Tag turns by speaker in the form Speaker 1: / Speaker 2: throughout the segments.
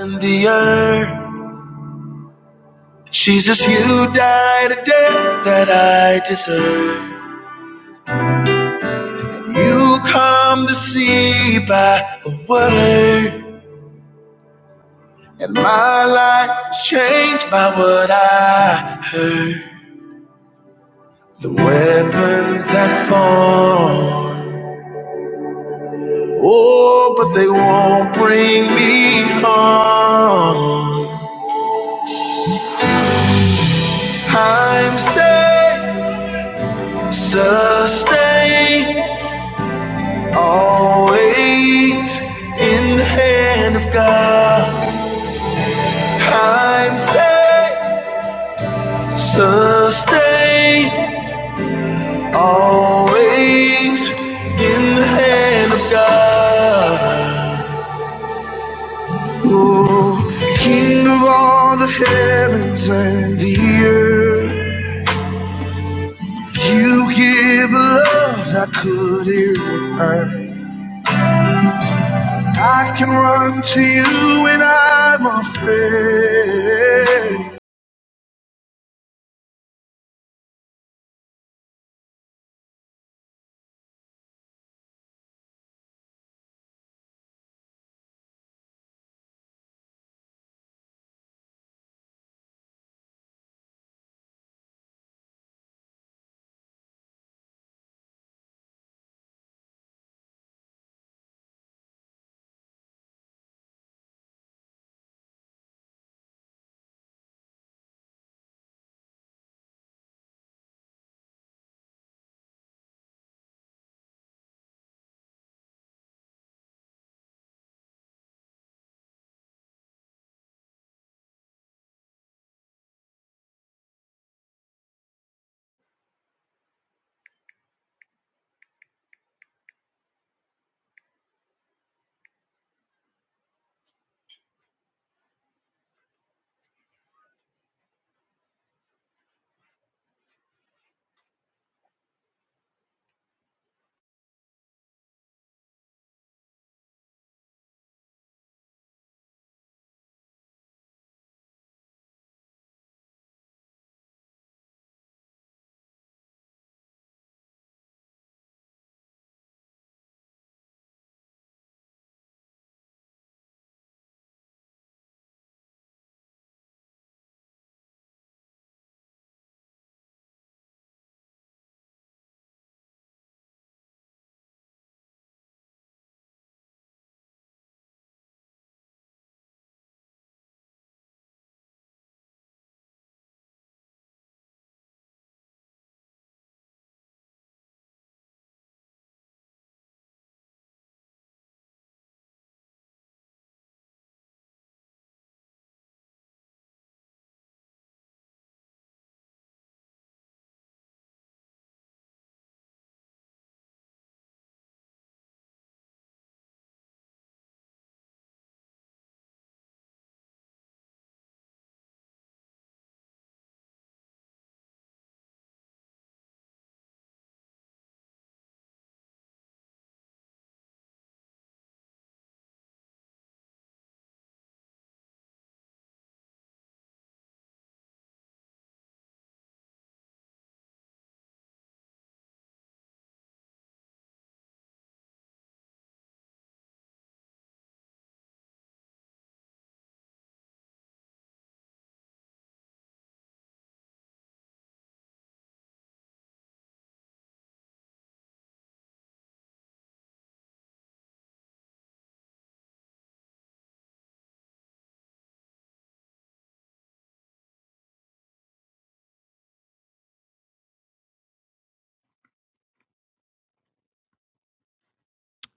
Speaker 1: and the earth. Jesus, you died a death that I deserve. And you come to see by a word. And my life was changed by what I heard. The weapons that form, oh, but they won't bring me harm. I'm saved, sustained. Always in the hand of God, I'm safe, sustained. Always in the hand of God. Oh, King of all the heavens and the earth, you give a love that couldn't hurt. I can run to you when I'm afraid.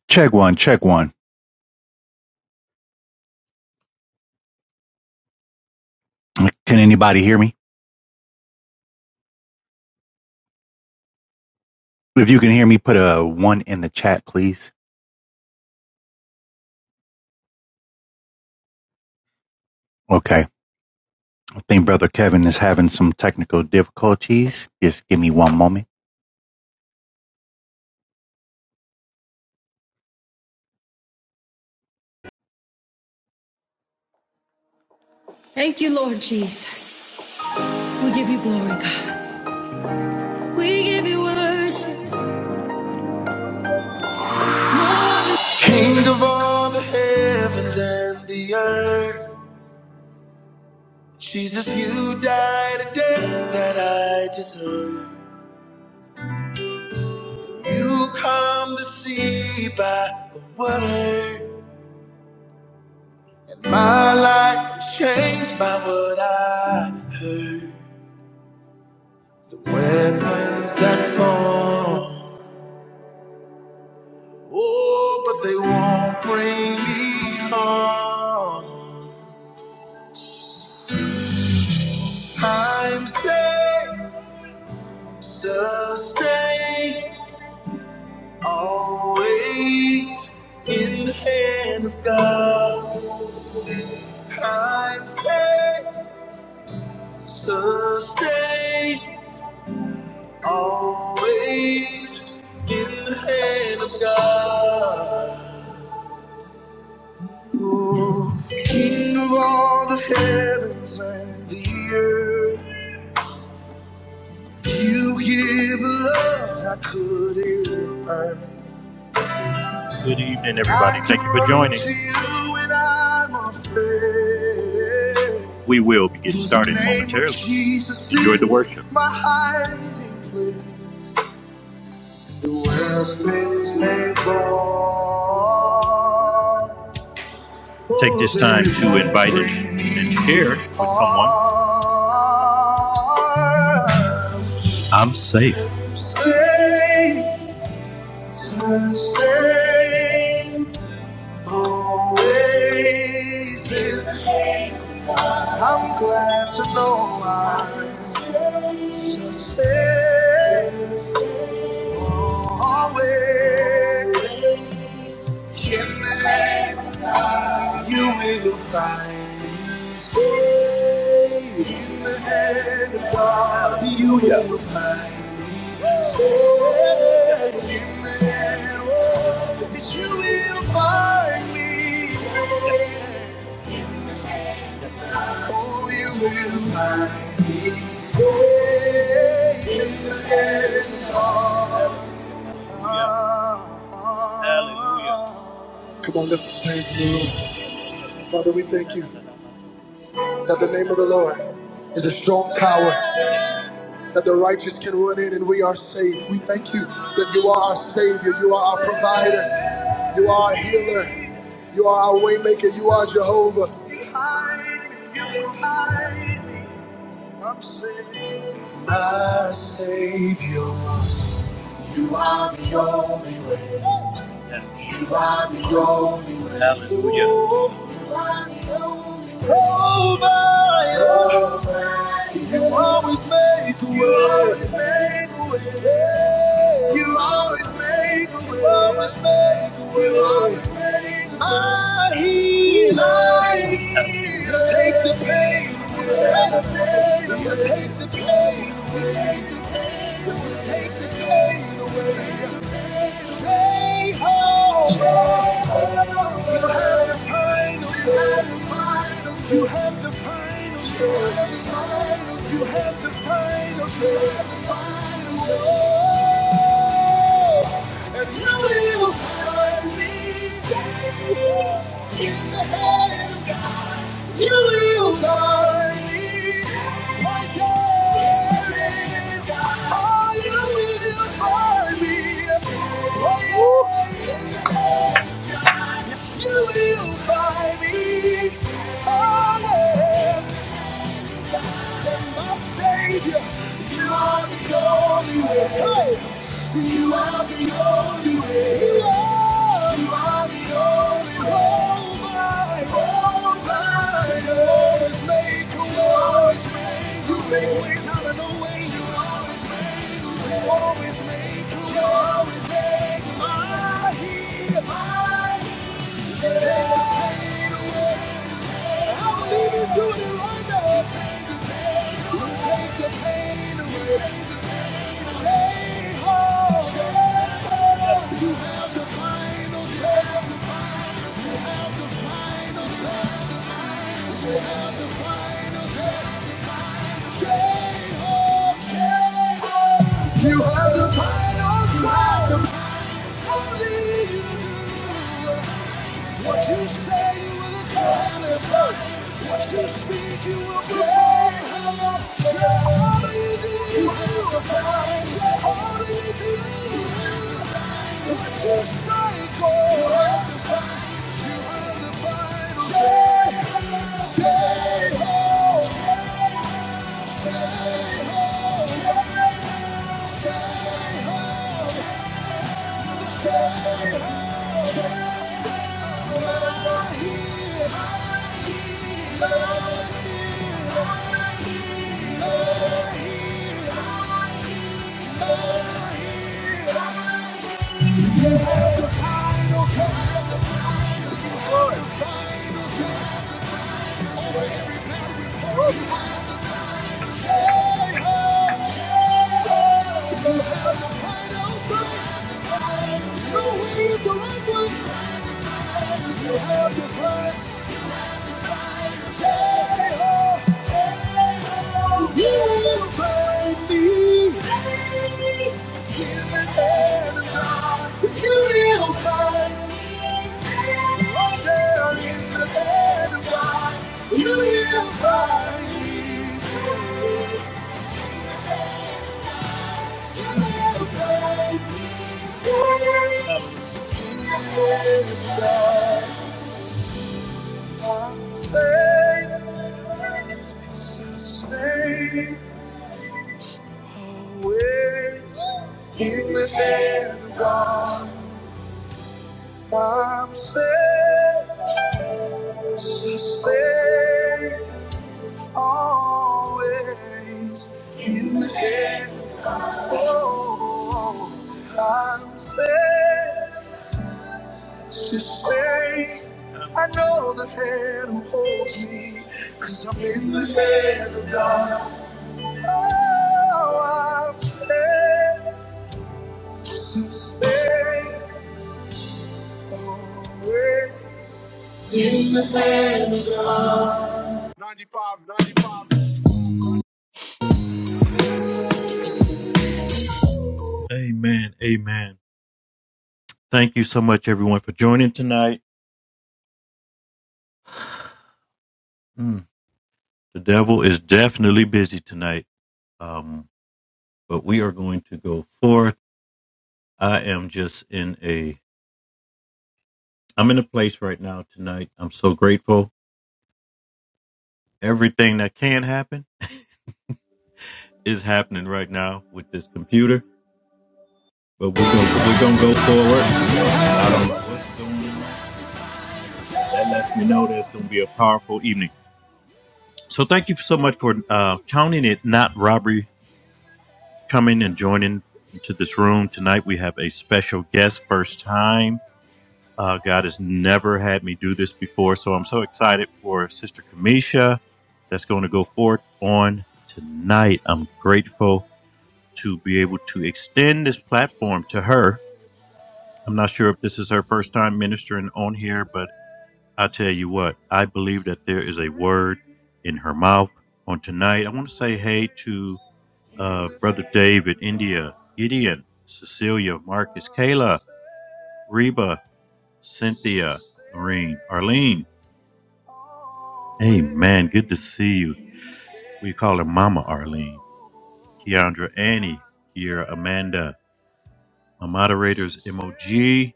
Speaker 2: Check one, check one. Can anybody hear me? If you can hear me, put a one in the chat, please. Okay. I think Brother Kevin is having some technical difficulties. Just give me one moment. Thank you, Lord Jesus. We give you glory, God. We give you worship. No other.
Speaker 1: King of all the heavens and the earth, Jesus, you died a death that I deserve. You come to see by the word. My life was changed by what I heard. Weapons that fall, oh, but they won't bring me harm. I'm saved, sustained. Always in the hand of God. I'm safe, sustained. Always in the hand of God. Oh, King of all the heavens and the earth, you give love I couldn't earn. Good evening, everybody. Thank you for joining. We will be getting started momentarily. Enjoy the worship. Take this time to invite us and share with someone. I'm safe. Always been. I'm glad to know I just stay. Always can never You will find me safe in the hand of God. You will find. In that road that you will find me. Oh, you will find me. Say in that road. We thank you. Name of the Lord. Strong tower. The righteous can run in and we are safe. We thank you that you are our Savior. You are our provider. You are our healer. You are our waymaker. You are Jehovah. I'm saved. my Savior. You are the only way. Yes. You are the only way. Hallelujah. You are the only way. Oh my God, You always make a way. Hey, You always make a way. You always make a way. You always make a way. My healer, you take the pain. away. Take the pain. away. Take the pain. away. Take the pain. away. Take the pain away. You have the final say. You have the final say. You have the final say. And you will find me safe in the hand of God. You will find Oh, me. Oh, yeah. You will find me. Oh, yeah and my Savior. You are the only way. Hey! You are the only way. You are, the only way. Oh oh always make a way. Always make a way. You make ways out of no way. You always make a way. always make a way. always make a way. I hear, I hear. You have the final power, only you do. What you say you will accomplish. What you speak you will bring. All you do, you will find. All you do, you will. What you say goes. You find the final day. Day, ho, day, ho, day, day, ho, day, ho. Jehovah, I am here, I am here, I am here. You have the final say. You have the final say. You have the final say. You have the final say. Say, say, ways. He was never gone by mistake. She stayed always. He was never gone. Oh, I'm safe. she's safe. I know the hand who holds me, i I'm in the hand of God. Oh, I'm safe, she's safe. Amen. Amen. Thank you so much, everyone, for joining tonight. Mm, the devil is definitely busy tonight, um, but we are going to go forth. I am just in a, I'm in a place right now tonight. I'm so grateful. Everything that can happen is happening right now with this computer, but we're gonna we're gonna go forward. I don't know what's going on. That lets me know that it's gonna be a powerful evening. So thank you so much for uh, counting it not robbery coming and joining to this room tonight. We have a special guest, first time. Uh, God has never had me do this before, so I'm so excited for Sister Kamisha that's going to go forth on tonight. I'm grateful to be able to extend this platform to her. I'm not sure if this is her first time ministering on here, but I tell you what, I believe that there is a word in her mouth on tonight. I want to say hey to uh, Brother David, India, Gideon, Cecilia, Marcus, Kayla, Reba, Cynthia, Maureen, Arlene. Amen. Good to see you. We call her Mama Arlene. Keandra, Annie, Kiera, Amanda, my moderators, MOG,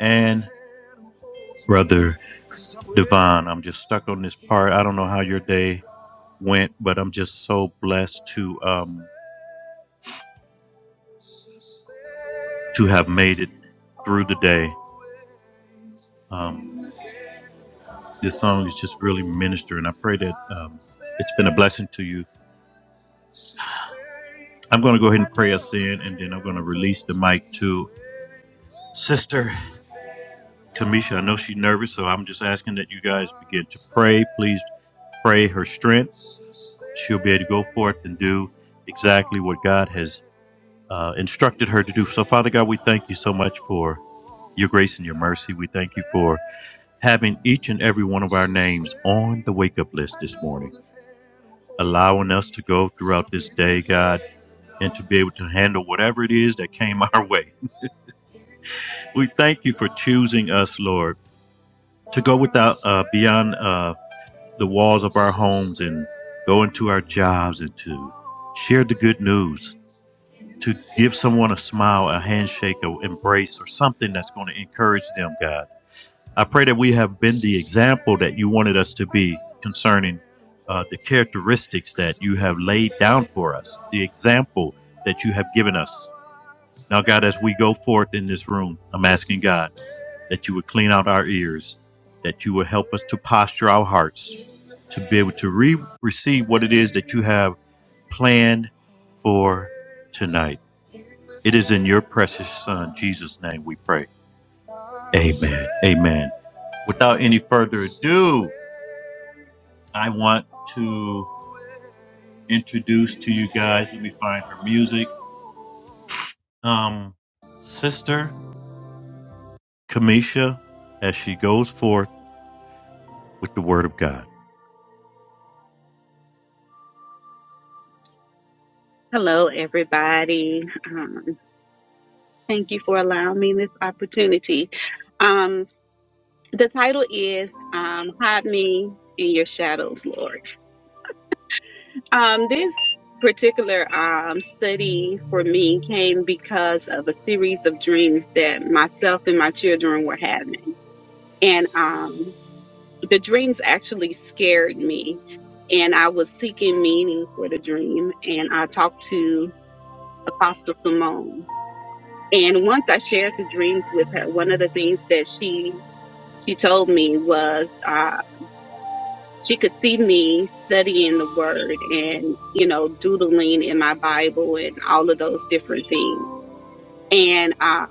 Speaker 1: and Brother Devon. I'm just stuck on this part. I don't know how your day went, but I'm just so blessed to um, to have made it through the day. Um. This song is just really ministering. I pray that um, it's been a blessing to you. I'm going to go ahead and pray us in, and then I'm going to release the mic to Sister Kamisha. I know she's nervous, so I'm just asking that you guys begin to pray. Please pray her strength. She'll be able to go forth and do exactly what God has uh, instructed her to do. So, Father God, we thank you so much for your grace and your mercy. We thank you for having each and every one of our names on the wake up list this morning. allowing us to go throughout this day, God, and to be able to handle whatever it is that came our way. We thank you for choosing us, Lord, to go without uh, beyond uh, the walls of our homes and go into our jobs and to share the good news, to give someone a smile, a handshake, an embrace, or something that's going to encourage them, God. I pray that we have been the example that you wanted us to be concerning uh, the characteristics that you have laid down for us, the example that you have given us. Now, God, as we go forth in this room, I'm asking God that you would clean out our ears, that you would help us to posture our hearts to be able to re- receive what it is that you have planned for tonight. It is in your precious Son, Jesus' name, we pray. Amen. Amen. Without any further ado, I want to introduce to you guys, let me find her music, um, Sister Kamisha as she goes forth with the Word of God.
Speaker 3: Hello, everybody. Um, thank you for allowing me this opportunity. Um, the title is um, Hide Me in Your Shadows, Lord. Um, this particular um, study for me came because of a series of dreams that myself and my children were having. And um, the dreams actually scared me, and I was seeking meaning for the dream. And I talked to Apostle Simone And once I shared the dreams with her, one of the things that she she told me was uh, she could see me studying the Word and you know doodling in my Bible and all of those different things. And uh,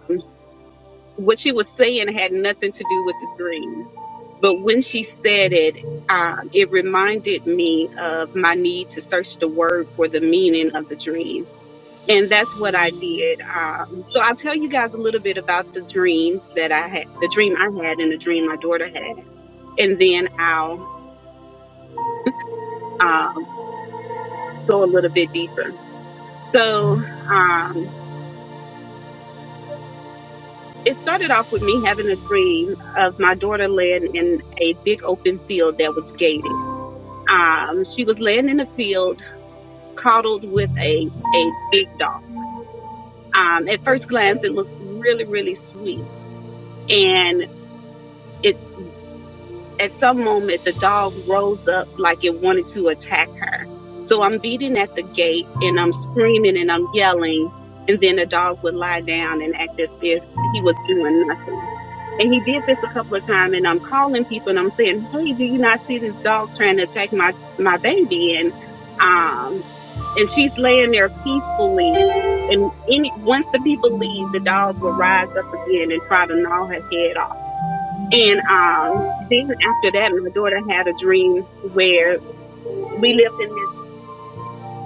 Speaker 3: what she was saying had nothing to do with the dream, but when she said it. Um, it reminded me of my need to search the word for the meaning of the dream and that's what I did. Um, so I'll tell you guys a little bit about the dreams that I had, the dream I had, and the dream my daughter had, and then I'll um, go a little bit deeper. So um, it started off with me having a dream of my daughter laying in a big open field that was gated. Um, she was laying in a field, coddled with a a big dog. Um, at first glance, it looked really, really sweet, and it. at some moment the dog rose up like it wanted to attack her. So I'm beating at the gate and I'm screaming and I'm yelling. And then the dog would lie down and act as if he was doing nothing. And he did this a couple of times and I'm calling people and I'm saying, Hey, do you not see this dog trying to attack my, my baby? And, um, and she's laying there peacefully. And any, once the people leave, the dog will rise up again and try to gnaw her head off and um, then after that, my daughter had a dream where we lived in this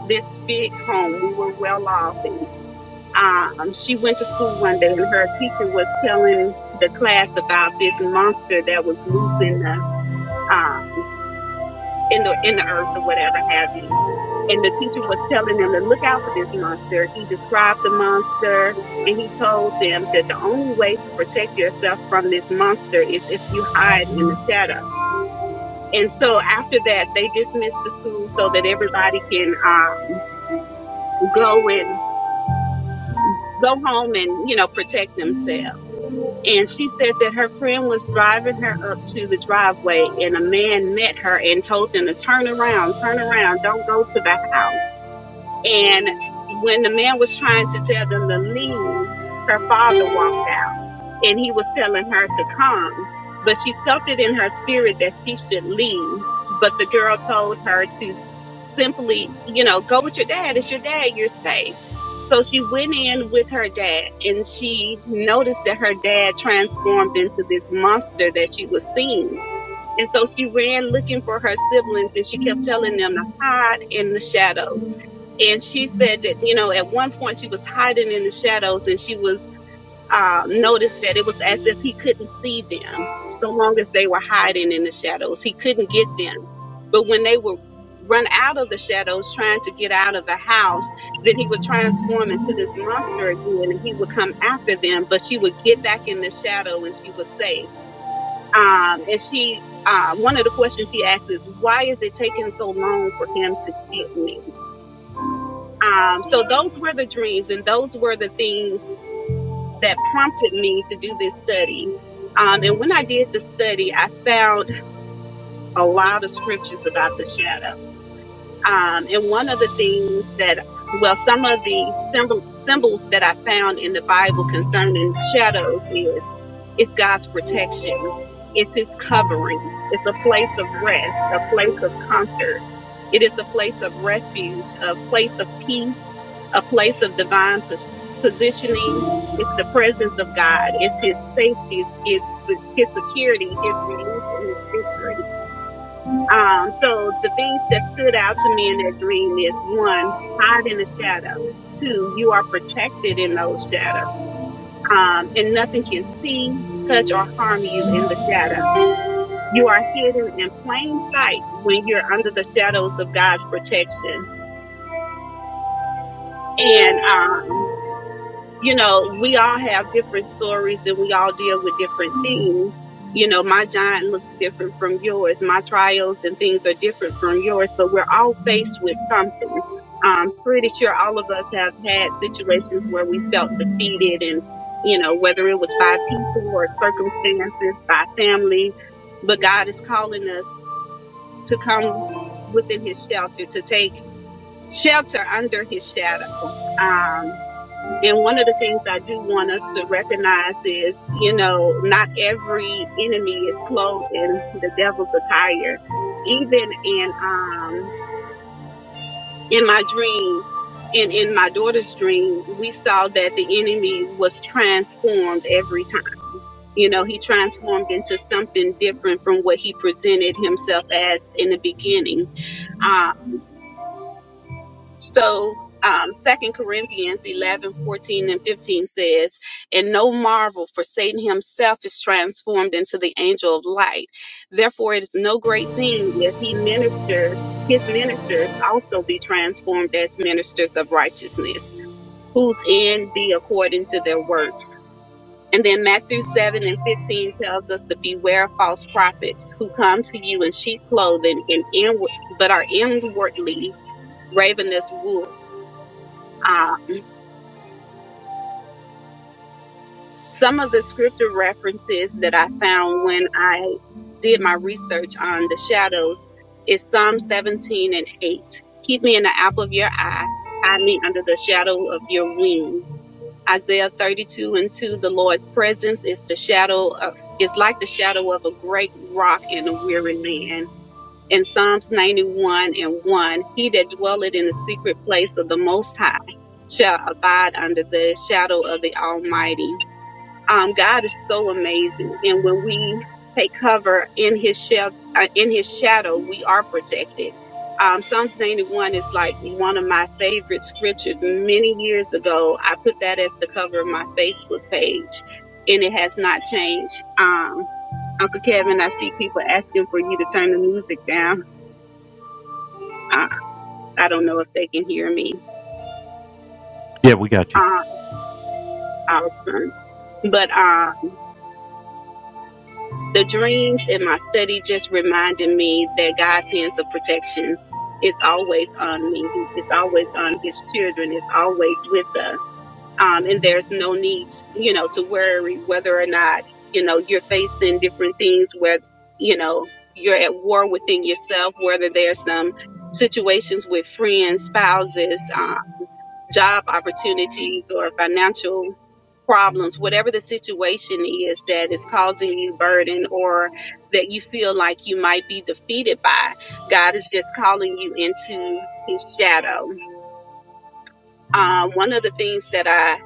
Speaker 3: this big home. We were well off, and um, she went to school one day, and her teacher was telling the class about this monster that was loose in the uh, in the in the earth or whatever have you. And the teacher was telling them to look out for this monster. He described the monster. And he told them that the only way to protect yourself from this monster is if you hide in the shadows. And so after that, they dismissed the school so that everybody can um, go and go home and you know protect themselves. And she said that her friend was driving her up to the driveway, and a man met her and told them to turn around, turn around, don't go to the house. And when the man was trying to tell them to leave, her father walked out and he was telling her to come. But she felt it in her spirit that she should leave. But the girl told her to simply, you know, go with your dad. It's your dad. You're safe. So she went in with her dad and she noticed that her dad transformed into this monster that she was seeing. And so she ran looking for her siblings and she kept telling them to hide in the shadows. And she said that, you know, at one point she was hiding in the shadows and she was uh, noticed that it was as if he couldn't see them so long as they were hiding in the shadows. He couldn't get them. But when they were run out of the shadows trying to get out of the house, then he would transform into this monster again and he would come after them, but she would get back in the shadow and she was safe. Um, and she, uh, one of the questions she asked is, why is it taking so long for him to get me? Um, so those were the dreams and those were the things that prompted me to do this study. Um, and when I did the study, I found a lot of scriptures about the shadows. Um, and one of the things that, well, some of the symbol, symbols that I found in the Bible concerning shadows is it's God's protection, it's His covering, it's a place of rest, a place of comfort, it is a place of refuge, a place of peace, a place of divine pos- positioning. It's the presence of God. It's His safety. It's His, his security. His release and His victory um, so the things that stood out to me in that dream is one, hide in the shadows. Two, you are protected in those shadows. Um, and nothing can see, touch, or harm you in the shadow. You are hidden in plain sight when you're under the shadows of God's protection. And um, you know, we all have different stories and we all deal with different things. You know, my giant looks different from yours. My trials and things are different from yours, but we're all faced with something. I'm pretty sure all of us have had situations where we felt defeated and, you know, whether it was by people or circumstances, by family, but God is calling us to come within his shelter, to take shelter under his shadow. Um, and one of the things I do want us to recognize is, you know, not every enemy is clothed in the devil's attire. Even in um in my dream and in my daughter's dream, we saw that the enemy was transformed every time. You know, he transformed into something different from what he presented himself as in the beginning. Uh, So um, 2 Corinthians 11, 14, and 15 says, And no marvel, for Satan himself is transformed into the angel of light. Therefore, it is no great thing if he ministers, his ministers also be transformed as ministers of righteousness, whose end be according to their works. And then Matthew 7 and 15 tells us to beware of false prophets who come to you in sheep clothing and inward, but are inwardly ravenous wolves uh, some of the scripture references that I found when I did my research on the shadows is Psalm 17 and 8. Keep me in the apple of your eye, hide me under the shadow of your wing. Isaiah 32 and 2, the Lord's presence is the shadow of is like the shadow of a great rock in a weary land. In Psalms 91 and 1, he that dwelleth in the secret place of the Most High shall abide under the shadow of the Almighty. um, God is so amazing, and when we take cover in His shel- uh, in His shadow, we are protected. Um, Psalms 91 is like one of my favorite scriptures. Many years ago, I put that as the cover of my Facebook page, and it has not changed. Um, Uncle Kevin, I see people asking for you to turn the music down. Uh, I don't know if they can hear me.
Speaker 1: Yeah, we got you.
Speaker 3: Uh, awesome. But um, the dreams and my study just reminded me that God's hands of protection is always on me. He- It's always on his children. It's always with us. Um, and there's no need, you know, to worry whether or not, you know, you're facing different things where, you know, you're at war within yourself, whether there's some situations with friends, spouses, uh, job opportunities or financial problems, whatever the situation is that is causing you burden or that you feel like you might be defeated by, God is just calling you into his shadow. Um, one of the things that I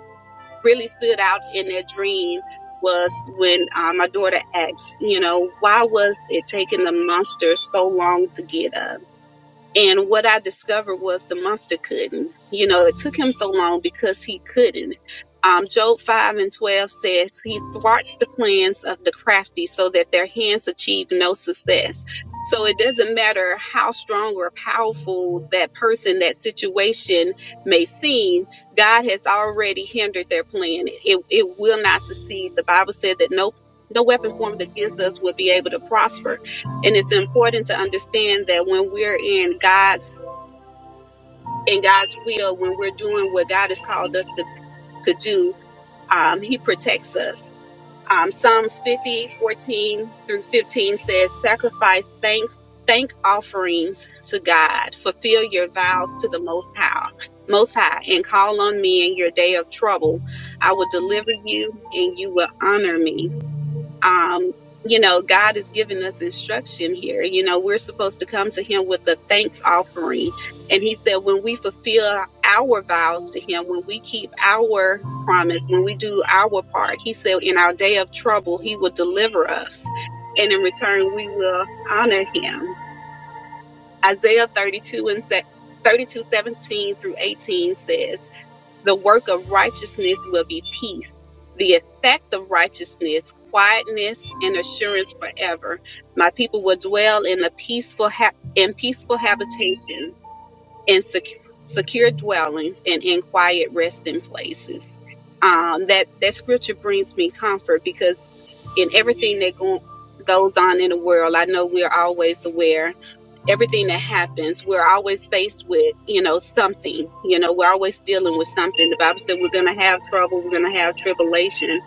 Speaker 3: really stood out in that dream was when uh, my daughter asked, you know, why was it taking the monster so long to get us? And what I discovered was the monster couldn't. You know, it took him so long because he couldn't. Um, Job 5 and 12 says, He thwarts the plans of the crafty so that their hands achieve no success. So it doesn't matter how strong or powerful that person, that situation may seem, God has already hindered their plan. It, it will not succeed. The Bible said that no, no weapon formed against us would be able to prosper and it's important to understand that when we're in God's in God's will, when we're doing what God has called us to, to do, um, He protects us. Um, Psalms 50:14 through 15 says, Sacrifice thanks, thank offerings to God, fulfill your vows to the Most High, Most High, and call on me in your day of trouble. I will deliver you and you will honor me um you know god is giving us instruction here you know we're supposed to come to him with a thanks offering and he said when we fulfill our vows to him when we keep our promise when we do our part he said in our day of trouble he will deliver us and in return we will honor him isaiah 32 and se- 32 seventeen through 18 says the work of righteousness will be peace. The effect of righteousness, quietness and assurance forever. My people will dwell in a peaceful ha- in peaceful habitations in sec- secure dwellings and in quiet resting places. Um, that that scripture brings me comfort because in everything that go- goes on in the world, I know we're always aware. Everything that happens, we're always faced with, you know, something. You know, we're always dealing with something. The Bible said we're going to have trouble, we're going to have tribulation,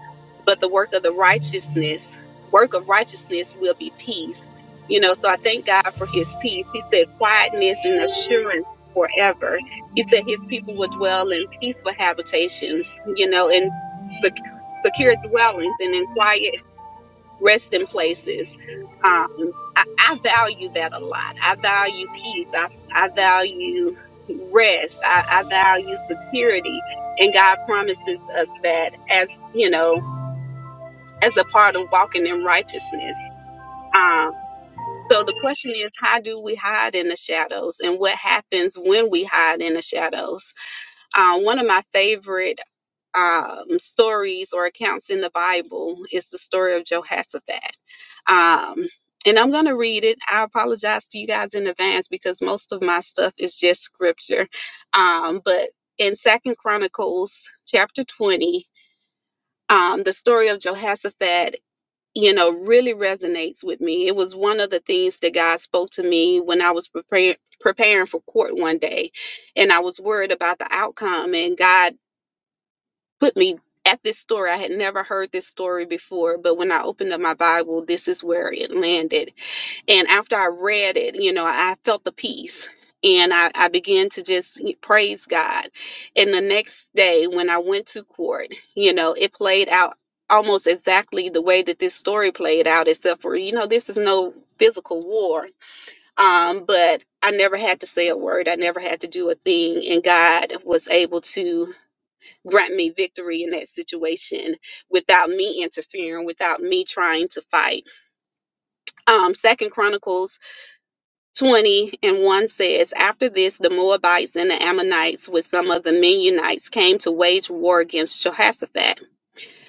Speaker 3: but the work of the righteousness, work of righteousness, will be peace you know, so I thank God for his peace. He said, quietness and assurance forever. He said his people will dwell in peaceful habitations, you know, in sec- secure dwellings and in quiet resting places. Um, I, I value that a lot. I value peace. I, I value rest. I, I value security. And God promises us that as, you know, as a part of walking in righteousness. Um, so the question is, how do we hide in the shadows, and what happens when we hide in the shadows? Uh, one of my favorite um, stories or accounts in the Bible is the story of Jehoshaphat. Um, and I'm going to read it. I apologize to you guys in advance because most of my stuff is just scripture. Um, but in Second Chronicles chapter 20, um, the story of Jehoshaphat you know, really resonates with me. It was one of the things that God spoke to me when I was preparing preparing for court one day, and I was worried about the outcome. And God put me at this story. I had never heard this story before, but when I opened up my Bible, this is where it landed. And after I read it, you know, I felt the peace and I, I began to just praise God. And the next day, when I went to court, you know, it played out almost exactly the way that this story played out, except for, you know, this is no physical war. Um, but I never had to say a word, I never had to do a thing. And God was able to grant me victory in that situation without me interfering, without me trying to fight um second chronicles 20 and 1 says, After this, the Moabites and the Ammonites, with some of the Mennonites, came to wage war against Jehoshaphat.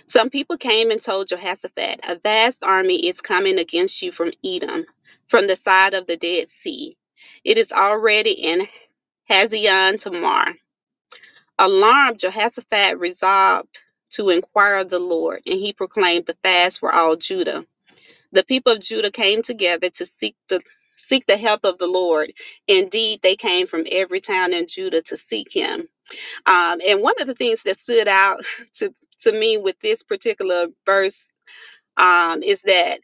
Speaker 3: Some people came and told Jehoshaphat, A vast army is coming against you from Edom, from the side of the Dead Sea. It is already in Hazion Tamar. Alarmed, Jehoshaphat resolved to inquire of the Lord, and he proclaimed the fast for all Judah the people of Judah came together to seek the seek the help of the Lord. Indeed, they came from every town in Judah to seek him. Um, and one of the things that stood out to, to me with this particular verse um, is that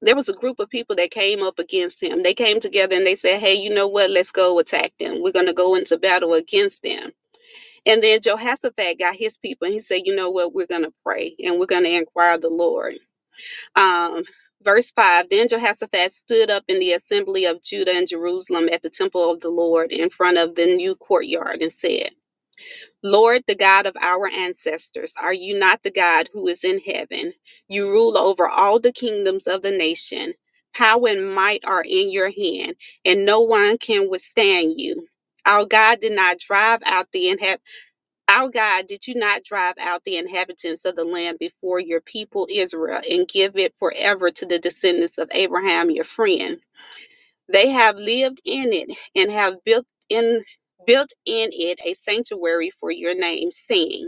Speaker 3: there was a group of people that came up against him. They came together and they said, Hey, you know what? Let's go attack them. We're going to go into battle against them. And then Jehoshaphat got his people and he said, You know what? We're going to pray and we're going to inquire of the Lord. Um, verse 5 Then Jehoshaphat stood up in the assembly of Judah and Jerusalem at the temple of the Lord in front of the new courtyard and said, Lord, the God of our ancestors, are you not the God who is in heaven? You rule over all the kingdoms of the nation. Power and might are in your hand, and no one can withstand you. Our God did not drive out the inhabitants our God, did you not drive out the inhabitants of the land before your people Israel and give it forever to the descendants of Abraham your friend? They have lived in it and have built in built in it a sanctuary for your name, saying,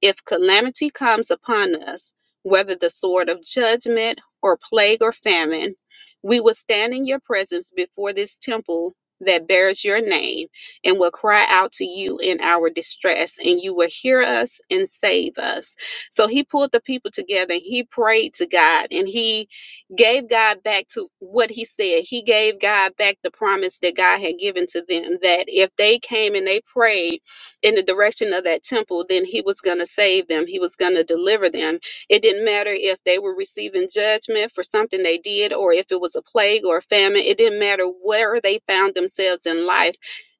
Speaker 3: if calamity comes upon us, whether the sword of judgment or plague or famine, we will stand in your presence before this temple that bears your name and will cry out to you in our distress, and you will hear us and save us. So he pulled the people together and he prayed to God and he gave God back to what he said. He gave God back the promise that God had given to them that if they came and they prayed, in the direction of that temple, then he was going to save them. He was going to deliver them. It didn't matter if they were receiving judgment for something they did or if it was a plague or a famine. It didn't matter where they found themselves in life.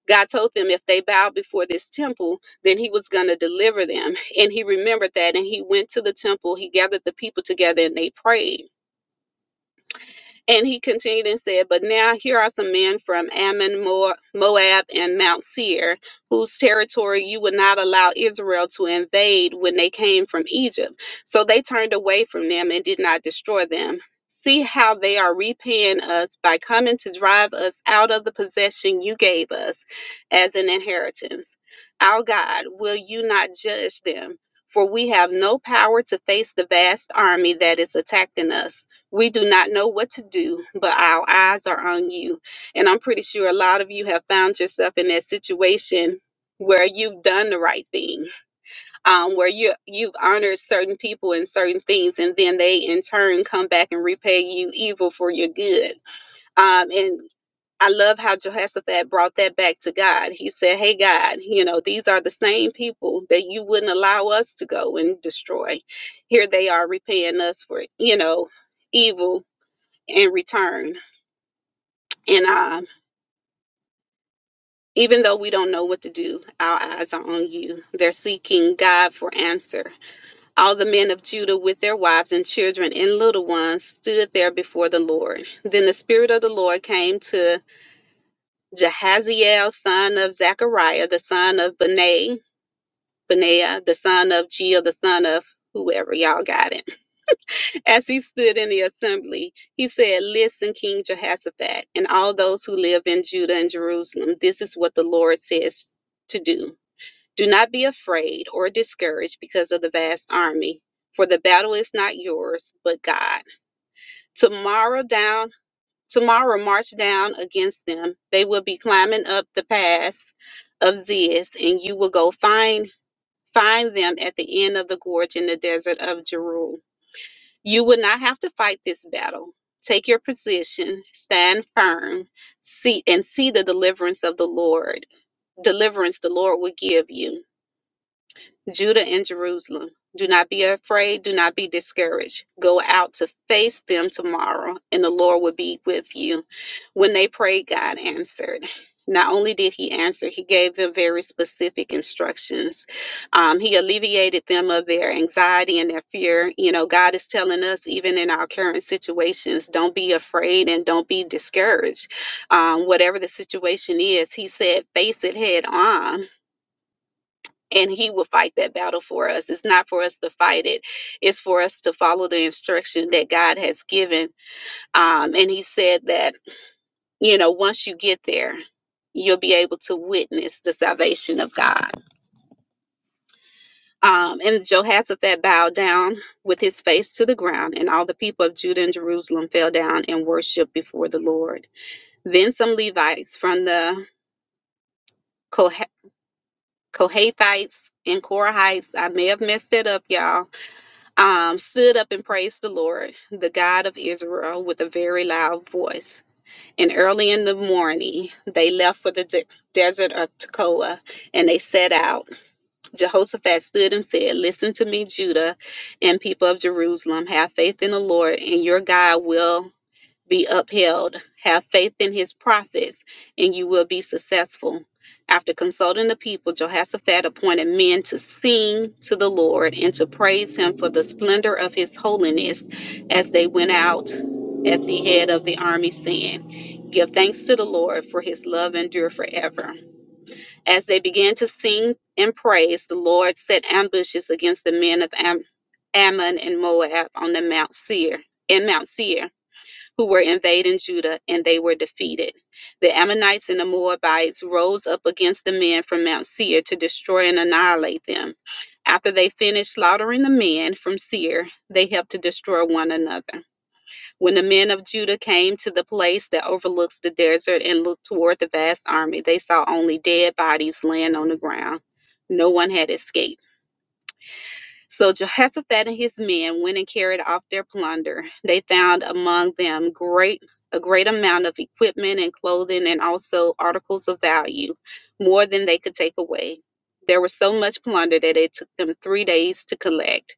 Speaker 3: God told them if they bowed before this temple, then he was going to deliver them. And he remembered that and he went to the temple. He gathered the people together and they prayed and he continued and said, But now here are some men from Ammon, Mo- Moab, and Mount Seir, whose territory you would not allow Israel to invade when they came from Egypt. So they turned away from them and did not destroy them. See how they are repaying us by coming to drive us out of the possession you gave us as an inheritance. Our God, will you not judge them? For we have no power to face the vast army that is attacking us. We do not know what to do, but our eyes are on you. And I'm pretty sure a lot of you have found yourself in that situation where you've done the right thing, um, where you you've honored certain people and certain things, and then they in turn come back and repay you evil for your good. Um, and I love how Jehoshaphat brought that back to God. He said, "Hey God, you know these are the same people that you wouldn't allow us to go and destroy. Here they are repaying us for you know." evil in return. And um, even though we don't know what to do, our eyes are on you. They're seeking God for answer. All the men of Judah, with their wives and children and little ones, stood there before the Lord. Then the Spirit of the Lord came to Jahaziel, son of Zechariah, the son of Benai, Benaiah, the son of Jeel, the son of whoever y'all got it As he stood in the assembly, he said, Listen, King Jehoshaphat, and all those who live in Judah and Jerusalem, this is what the Lord says to do. Do not be afraid or discouraged because of the vast army, for the battle is not yours, but God. Tomorrow down, tomorrow march down against them. They will be climbing up the pass of Ziz, and you will go find find them at the end of the gorge in the desert of Jeruel. You will not have to fight this battle. Take your position, stand firm, see and see the deliverance of the Lord. Deliverance the Lord will give you. Judah and Jerusalem, do not be afraid, do not be discouraged. Go out to face them tomorrow, and the Lord will be with you. When they prayed, God answered. Not only did he answer, he gave them very specific instructions. Um, he alleviated them of their anxiety and their fear. You know, God is telling us, even in our current situations, don't be afraid and don't be discouraged. Um, whatever the situation is, he said, face it head on and he will fight that battle for us. It's not for us to fight it, it's for us to follow the instruction that God has given. Um, and he said that, you know, once you get there, you'll be able to witness the salvation of God. Um, and Jehoshaphat bowed down with his face to the ground, and all the people of Judah and Jerusalem fell down and worshiped before the Lord. Then some Levites from the Koh- Kohathites and Korahites, I may have messed it up, y'all um, stood up and praised the Lord, the God of Israel, with a very loud voice. And early in the morning, they left for the de- desert of Tekoa and they set out. Jehoshaphat stood and said, Listen to me, Judah and people of Jerusalem. Have faith in the Lord, and your God will be upheld. Have faith in his prophets, and you will be successful. After consulting the people, Jehoshaphat appointed men to sing to the Lord and to praise him for the splendor of his holiness as they went out at the head of the army, saying, Give thanks to the Lord, for his love endure forever. As they began to sing and praise, the Lord set ambushes against the men of Am- Ammon and Moab on the Mount Seir, in Mount Seir who were invading Judah, and they were defeated. The Ammonites and the Moabites rose up against the men from Mount Seir to destroy and annihilate them. After they finished slaughtering the men from Seir, they helped to destroy one another. When the men of Judah came to the place that overlooks the desert and looked toward the vast army, they saw only dead bodies laying on the ground. No one had escaped. So Jehoshaphat and his men went and carried off their plunder. They found among them great a great amount of equipment and clothing and also articles of value, more than they could take away. There was so much plunder that it took them three days to collect.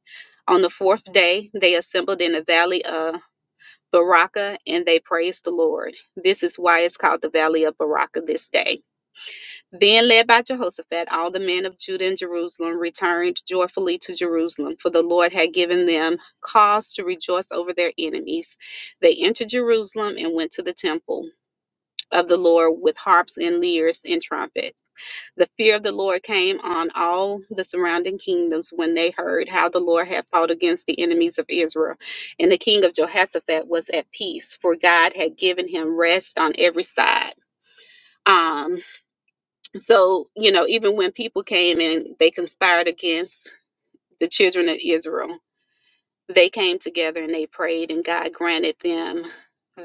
Speaker 3: On the fourth day, they assembled in the valley of Baraka and they praised the Lord. This is why it's called the valley of Baraka this day. Then, led by Jehoshaphat, all the men of Judah and Jerusalem returned joyfully to Jerusalem, for the Lord had given them cause to rejoice over their enemies. They entered Jerusalem and went to the temple of the Lord with harps and lyres and trumpets. The fear of the Lord came on all the surrounding kingdoms when they heard how the Lord had fought against the enemies of Israel. And the king of Jehoshaphat was at peace, for God had given him rest on every side. Um, so, you know, even when people came and they conspired against the children of Israel, they came together and they prayed, and God granted them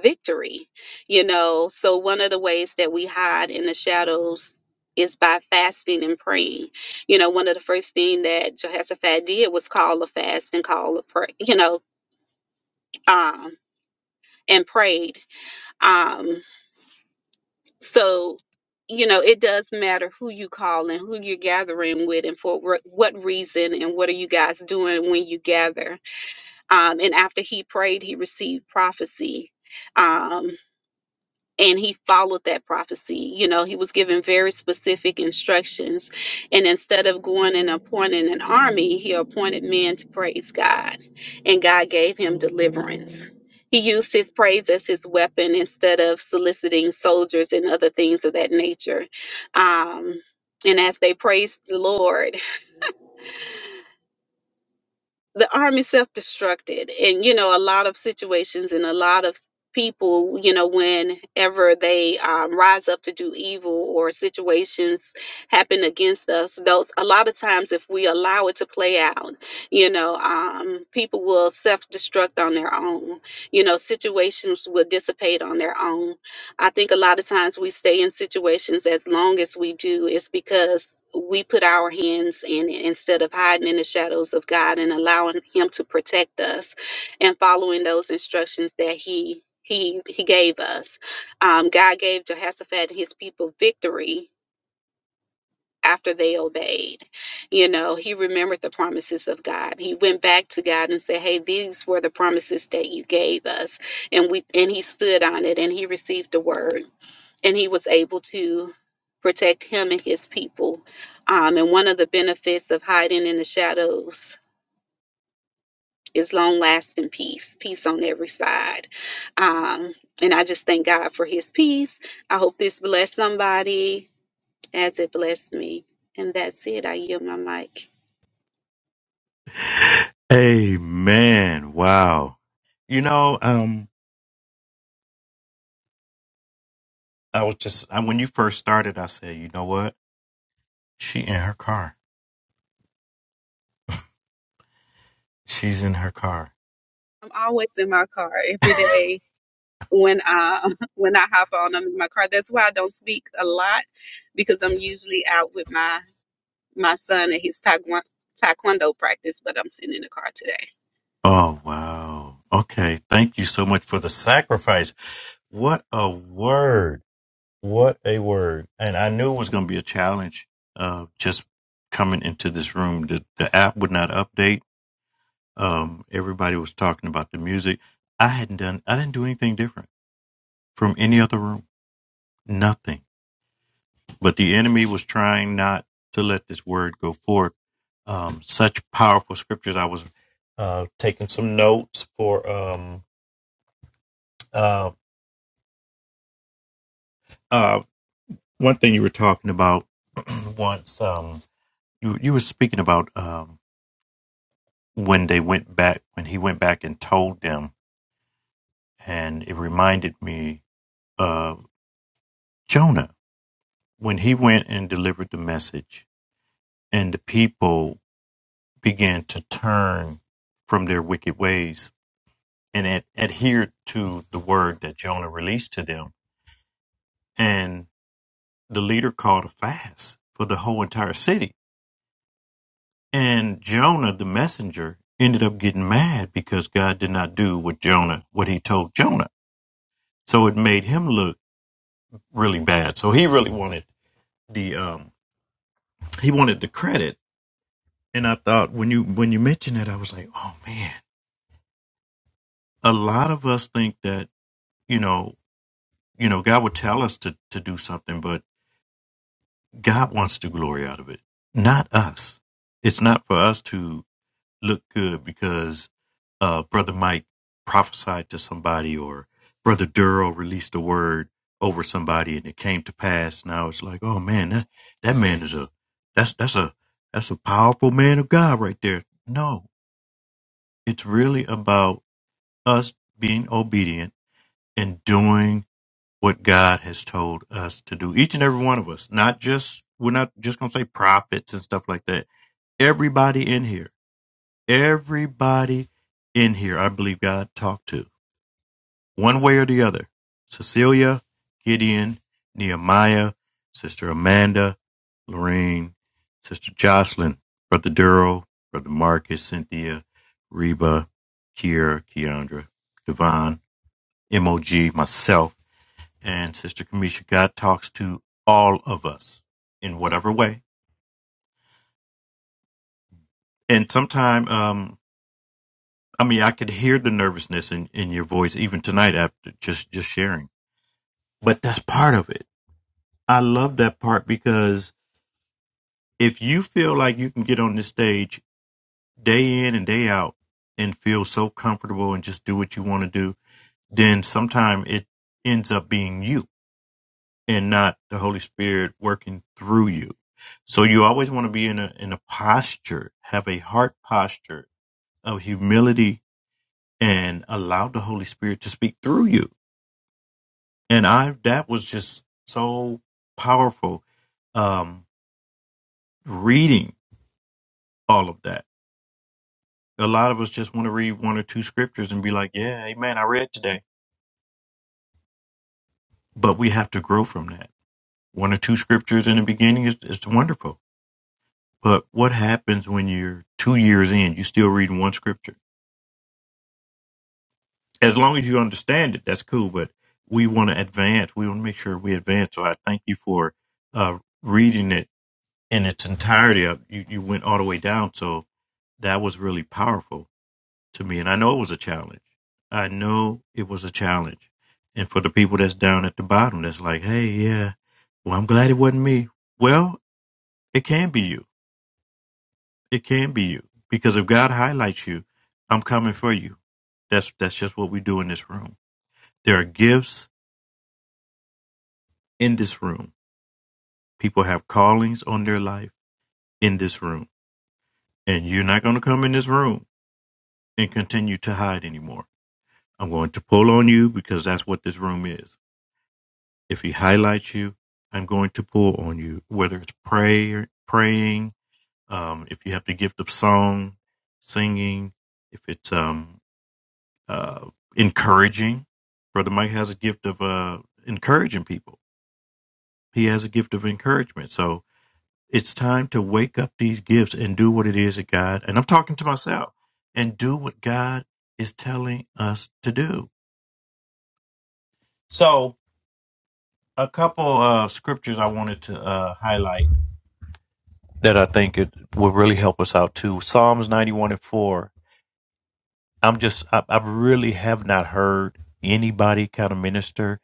Speaker 3: victory. You know, so one of the ways that we hide in the shadows is by fasting and praying. You know, one of the first thing that Jehoshaphat did was call a fast and call a prayer, you know, um, and prayed. Um, So, you know, it does matter who you call and who you're gathering with and for wh- what reason and what are you guys doing when you gather. Um, and after he prayed, he received prophecy. Um, and he followed that prophecy. You know, he was given very specific instructions. And instead of going and appointing an army, he appointed men to praise God. And God gave him deliverance. He used his praise as his weapon instead of soliciting soldiers and other things of that nature. Um, and as they praised the Lord, the army self-destructed and you know a lot of situations and a lot of people you know whenever they um, rise up to do evil or situations happen against us those a lot of times if we allow it to play out you know um, people will self-destruct on their own you know situations will dissipate on their own I think a lot of times we stay in situations as long as we do is because we put our hands in it instead of hiding in the shadows of God and allowing him to protect us and following those instructions that he he he gave us. Um, God gave Jehoshaphat and his people victory after they obeyed. You know, he remembered the promises of God. He went back to God and said, "Hey, these were the promises that you gave us." And we and he stood on it and he received the word and he was able to protect him and his people. Um, and one of the benefits of hiding in the shadows is long lasting peace, peace on every side. Um, and I just thank God for his peace. I hope this blessed somebody as it blessed me. And that's it. I yield my mic.
Speaker 1: Amen. Wow. You know, um, I was just, I, when you first started, I said, you know what? She in her car. She's in her car.
Speaker 3: I'm always in my car every day when uh, when I hop on. I'm in my car. That's why I don't speak a lot because I'm usually out with my my son and his taekwondo, taekwondo practice, but I'm sitting in the car today.
Speaker 1: Oh, wow. Okay. Thank you so much for the sacrifice. What a word. What a word. And I knew it was going to be a challenge uh, just coming into this room. The, the app would not update. Um, everybody was talking about the music. I hadn't done, I didn't do anything different from any other room. Nothing. But the enemy was trying not to let this word go forth. Um, such powerful scriptures. I was uh, taking some notes for um, uh, uh, one thing you were talking about once. Um, you, you were speaking about. um, when they went back, when he went back and told them, and it reminded me of Jonah when he went and delivered the message, and the people began to turn from their wicked ways and ad- adhered to the word that Jonah released to them. And the leader called a fast for the whole entire city. And Jonah, the messenger, ended up getting mad because God did not do what Jonah, what he told Jonah. So it made him look really bad. So he really wanted the um he wanted the credit. And I thought when you when you mentioned that, I was like, oh man, a lot of us think that you know you know God would tell us to to do something, but God wants the glory out of it, not us. It's not for us to look good because uh, Brother Mike prophesied to somebody or Brother Duro released a word over somebody and it came to pass. Now it's like, oh man, that, that man is a that's that's a that's a powerful man of God right there. No, it's really about us being obedient and doing what God has told us to do. Each and every one of us, not just we're not just gonna say prophets and stuff like that everybody in here. Everybody in here, I believe God talked to one way or the other. Cecilia, Gideon, Nehemiah, Sister Amanda, Lorraine, Sister Jocelyn, Brother Duro, Brother Marcus, Cynthia, Reba, Kiera, Keandra, Devon, MOG, myself, and Sister Kamisha. God talks to all of us in whatever way. And sometimes um, I mean, I could hear the nervousness in, in your voice even tonight after just, just sharing. But that's part of it. I love that part because if you feel like you can get on this stage day in and day out and feel so comfortable and just do what you want to do, then sometime it ends up being you and not the Holy Spirit working through you. So you always want to be in a in a posture, have a heart posture of humility and allow the Holy Spirit to speak through you and I that was just so powerful. Um, reading all of that, a lot of us just want to read one or two scriptures and be like, "Yeah, Amen, I read today." But we have to grow from that. One or two scriptures in the beginning is is wonderful, but what happens when you're two years in? You still reading one scripture. As long as you understand it, that's cool. But we want to advance. We want to make sure we advance. So I thank you for uh, reading it in its entirety uh, you, you went all the way down so that was really powerful to me and i know it was a challenge i know it was a challenge and for the people that's down at the bottom that's like hey yeah well i'm glad it wasn't me well it can be you it can be you because if god highlights you i'm coming for you that's that's just what we do in this room there are gifts in this room people have callings on their life in this room and you're not going to come in this room and continue to hide anymore I'm going to pull on you because that's what this room is. If he highlights you, I'm going to pull on you, whether it's prayer, praying, um, if you have the gift of song, singing, if it's um, uh, encouraging. Brother Mike has a gift of uh, encouraging people, he has a gift of encouragement. So it's time to wake up these gifts and do what it is that God, and I'm talking to myself, and do what God is telling us to do. So, a couple of scriptures I wanted to uh, highlight that I think it will really help us out too. Psalms 91 and 4. I'm just, I, I really have not heard anybody kind of minister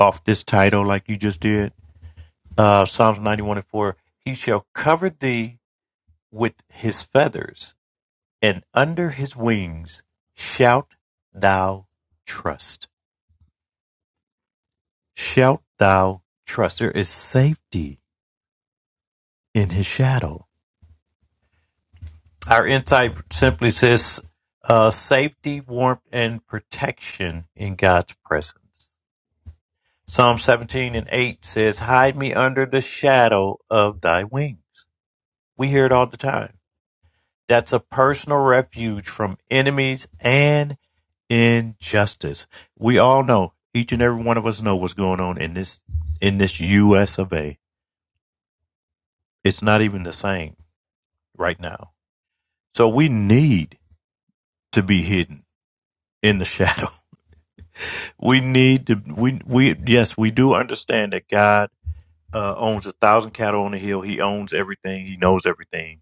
Speaker 1: off this title like you just did. Uh, Psalms 91 and 4. He shall cover thee with his feathers, and under his wings shalt thou trust. Shalt thou trust. There is safety in his shadow Our insight simply says uh, safety, warmth, and protection in God's presence. Psalm 17 and 8 says, Hide me under the shadow of thy wings. We hear it all the time. That's a personal refuge from enemies and injustice. We all know, each and every one of us know what's going on in this in this US of A. It's not even the same right now. So we need to be hidden in the shadow We need to we we yes, we do understand that God uh, owns a thousand cattle on the hill. He owns everything. He knows everything.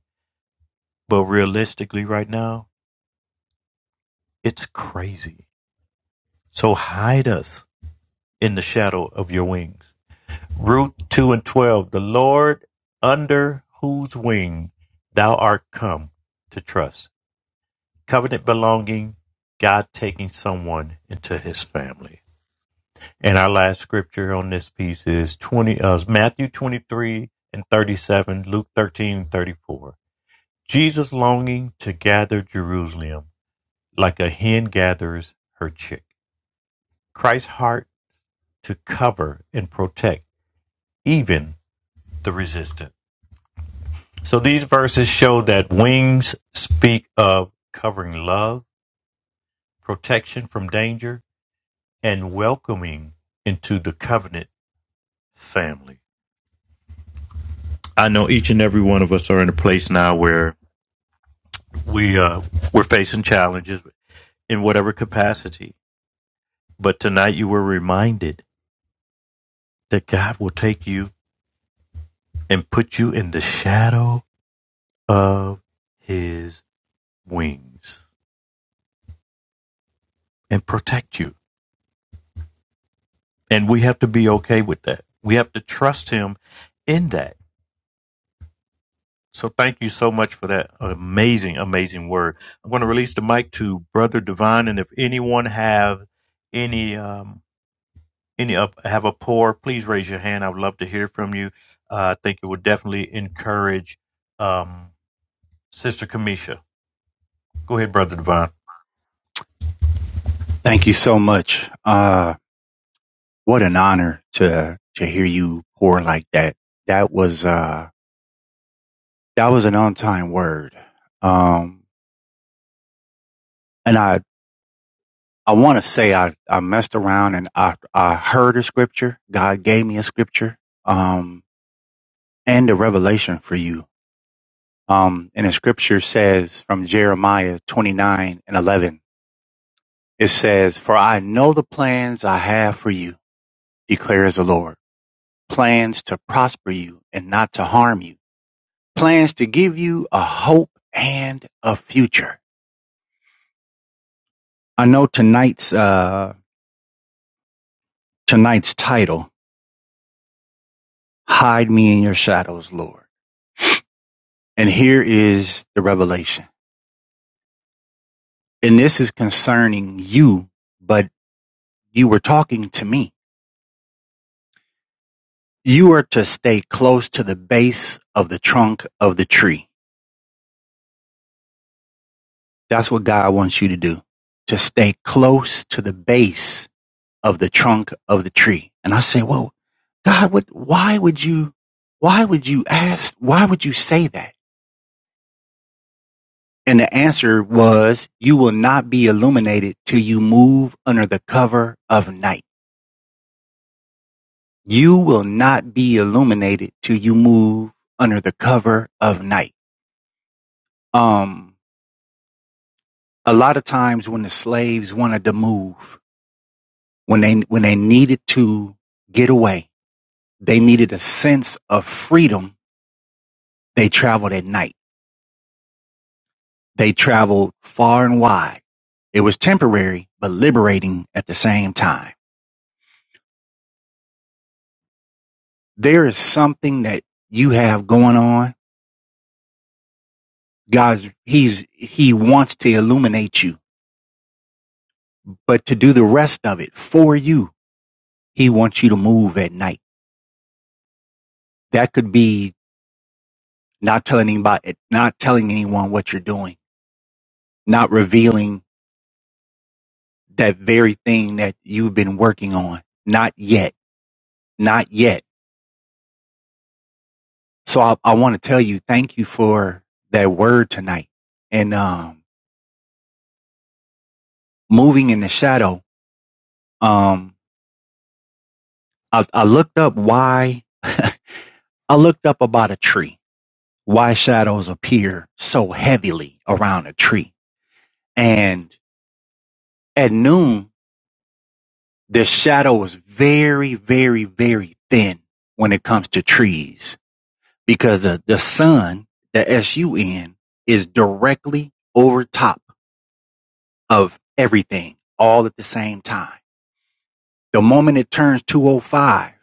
Speaker 1: But realistically, right now, it's crazy. So hide us in the shadow of your wings. Ruth two and twelve. The Lord under whose wing thou art come to trust. Covenant belonging. God taking someone into His family. And our last scripture on this piece is 20, uh, Matthew 23 and 37, Luke 13 and 34. Jesus longing to gather Jerusalem like a hen gathers her chick. Christ's heart to cover and protect even the resistant. So these verses show that wings speak of covering love, protection from danger, and welcoming into the covenant family. I know each and every one of us are in a place now where we uh, we're facing challenges in whatever capacity. But tonight you were reminded that God will take you and put you in the shadow of His wings and protect you. And we have to be okay with that. We have to trust Him in that. So thank you so much for that amazing, amazing word. I'm going to release the mic to Brother Divine, and if anyone have any. Um, any up have a pour, please raise your hand. I would love to hear from you. Uh, I think it would definitely encourage um, Sister Kamisha. Go ahead, Brother Devon.
Speaker 2: Thank you so much. Uh, what an honor to, to hear you pour like that. That was, uh, that was an on time word. Um, and I I want to say I, I messed around and I, I heard a scripture. God gave me a scripture, um, and a revelation for you. Um, and the scripture says from Jeremiah 29 and 11, it says, for I know the plans I have for you, declares the Lord, plans to prosper you and not to harm you, plans to give you a hope and a future. I know tonight's, uh, tonight's title, hide me in your shadows, Lord. And here is the revelation. And this is concerning you, but you were talking to me. You are to stay close to the base of the trunk of the tree. That's what God wants you to do. To stay close to the base of the trunk of the tree. And I say, well, God, what, why would you, why would you ask, why would you say that? And the answer was, you will not be illuminated till you move under the cover of night. you will not be illuminated till you move under the cover of night. Um, a lot of times when the slaves wanted to move, when they, when they needed to get away, they needed a sense of freedom. They traveled at night. They traveled far and wide. It was temporary, but liberating at the same time. There is something that you have going on. God's, he's, he wants to illuminate you, but to do the rest of it for you He wants you to move at night. That could be not telling anybody, not telling anyone what you're doing, not revealing that very thing that you've been working on. Not yet. Not yet. So I, I want to tell you, thank you for that word tonight and, um, moving in the shadow. Um, I, I looked up why I looked up about a tree, why shadows appear so heavily around a tree. And at noon, the shadow is very, very, very thin when it comes to trees because the, the sun, the S-U-N, is directly over top of everything all at the same time. The moment it turns 205,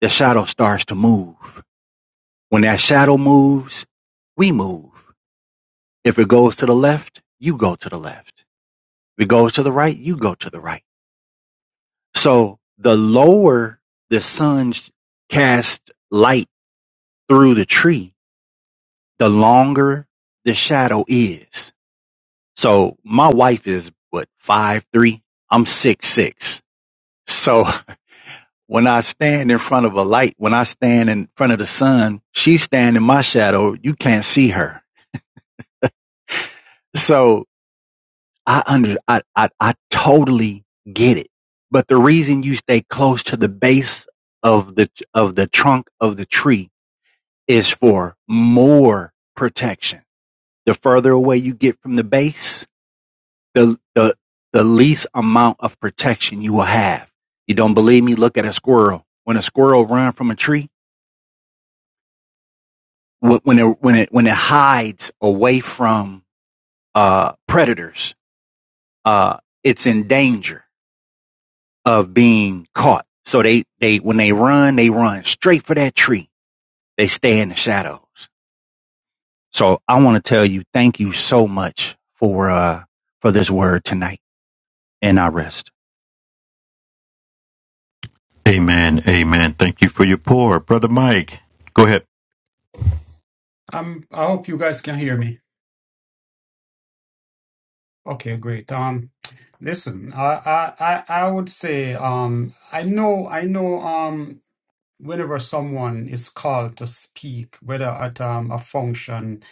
Speaker 2: the shadow starts to move. When that shadow moves, we move. If it goes to the left, you go to the left. If it goes to the right, you go to the right. So the lower the sun casts light through the tree, the longer the shadow is. So my wife is what five three. I'm six six. So when I stand in front of a light, when I stand in front of the sun, she's standing in my shadow. You can't see her. So I under I I, I totally get it. But the reason you stay close to the base of the of the trunk of the tree is for more protection. The further away you get from the base, the the the least amount of protection you will have. You don't believe me? Look at a squirrel. When a squirrel runs from a tree, when it when it when it hides away from uh, predators, uh, it's in danger of being caught. So they they when they run, they run straight for that tree. They stay in the shadows. So I want to tell you, thank you so much for uh, for this word tonight, and I rest.
Speaker 1: Amen. Amen. Thank you for your pour, Brother Mike. Go ahead.
Speaker 4: Um, I hope you guys can hear me. Okay, great. Um, listen, I, I, I I would say, um, I know, I know. Um, whenever someone is called to speak, whether at um, a function,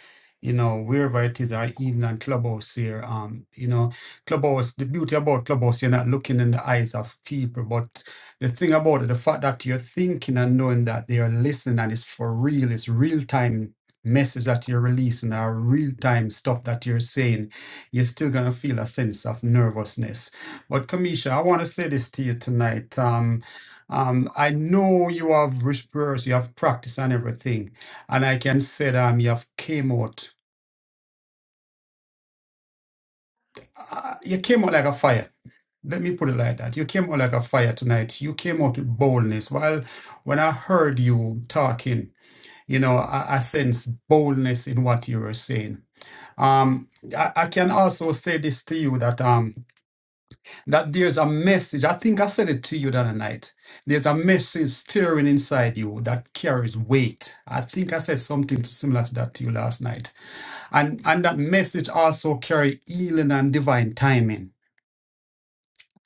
Speaker 4: you know, wherever it is, or even on Clubhouse here, um, you know, Clubhouse, the beauty about Clubhouse, you're not looking in the eyes of people, but the thing about it, the fact that you're thinking and knowing that they are listening and it's for real, it's real time message that you're releasing or real time stuff that you're saying, you're still going to feel a sense of nervousness. But Kamisha, I want to say this to you tonight. Um, um, I know you have rehearsed, you have practiced and everything, and I can say that um, you have came out, uh, you came out like a fire. Let me put it like that. You came out like a fire tonight. You came out with boldness. Well, when I heard you talking, you know, I, I sense boldness in what you were saying. Um, I, I can also say this to you that um, That there's a message. I think I said it to you the other night. There's a message stirring inside you that carries weight. I think I said something similar to that to you last night. And and that message also carry healing and divine timing.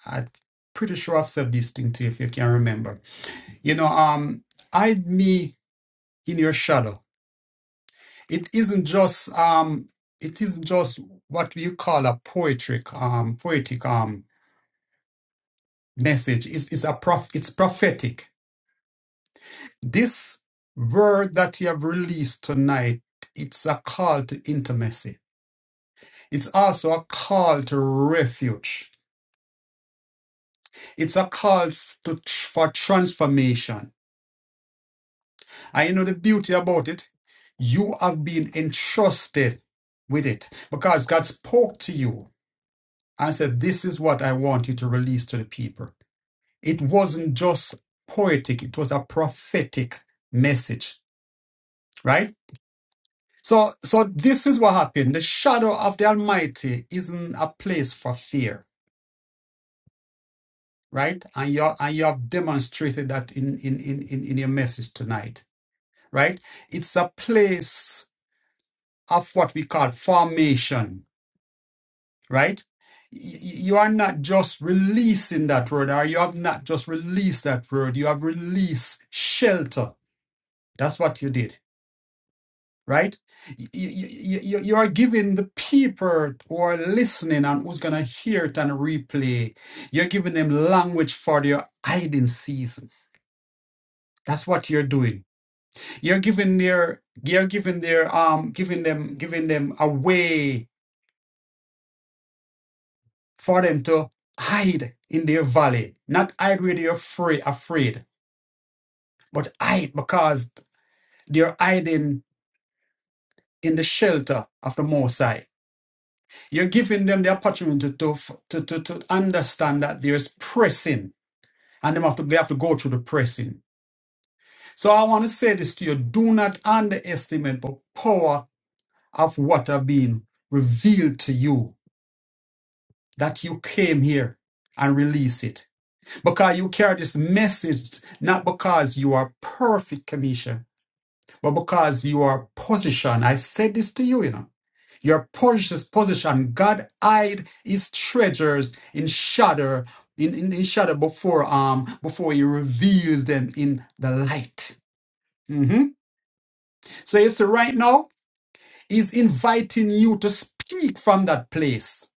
Speaker 4: I'm pretty sure I've said this thing to you if you can remember. You know, um, hide me in your shadow. It isn't just um, it isn't just what you call a poetic um, poetic um message. It's it's a prof it's prophetic This word that you have released tonight, it's a call to intimacy. It's also a call to refuge. It's a call to, for transformation. And you know the beauty about it? You have been entrusted with it because God spoke to you and said, This is what I want you to release to the people. It wasn't just poetic, it was a prophetic message, right? So, so this is what happened. The shadow of the Almighty isn't a place for fear, right? And you and you have demonstrated that in in in in, in your message tonight, right? It's a place of what we call formation, right? Y- y- You are not just releasing that word, or you have not just released that word. You have released shelter. That's what you did right? You, you, you, you are giving the people who are listening and who's going to hear it and replay, you're giving them language for their hiding season. That's what you're doing. You're giving their, you're giving their, um, giving them, giving them a way for them to hide in their valley. Not hide where they're afraid, afraid, but hide because they're hiding in the shelter of the Mosai. You're giving them the opportunity to, f- to, to, to understand that there's pressing and them have to, they have to go through the pressing. So I want to say this to you do not underestimate the power of what have been revealed to you that you came here and release it. Because you carry this message, not because you are perfect, Kamisha. but because your position, I said this to you, you know, your precious position, God hid his treasures in shadow, in, in, in shadow before um before he reveals them in the light. Mhm. So you see, right now, he's inviting you to speak from that place.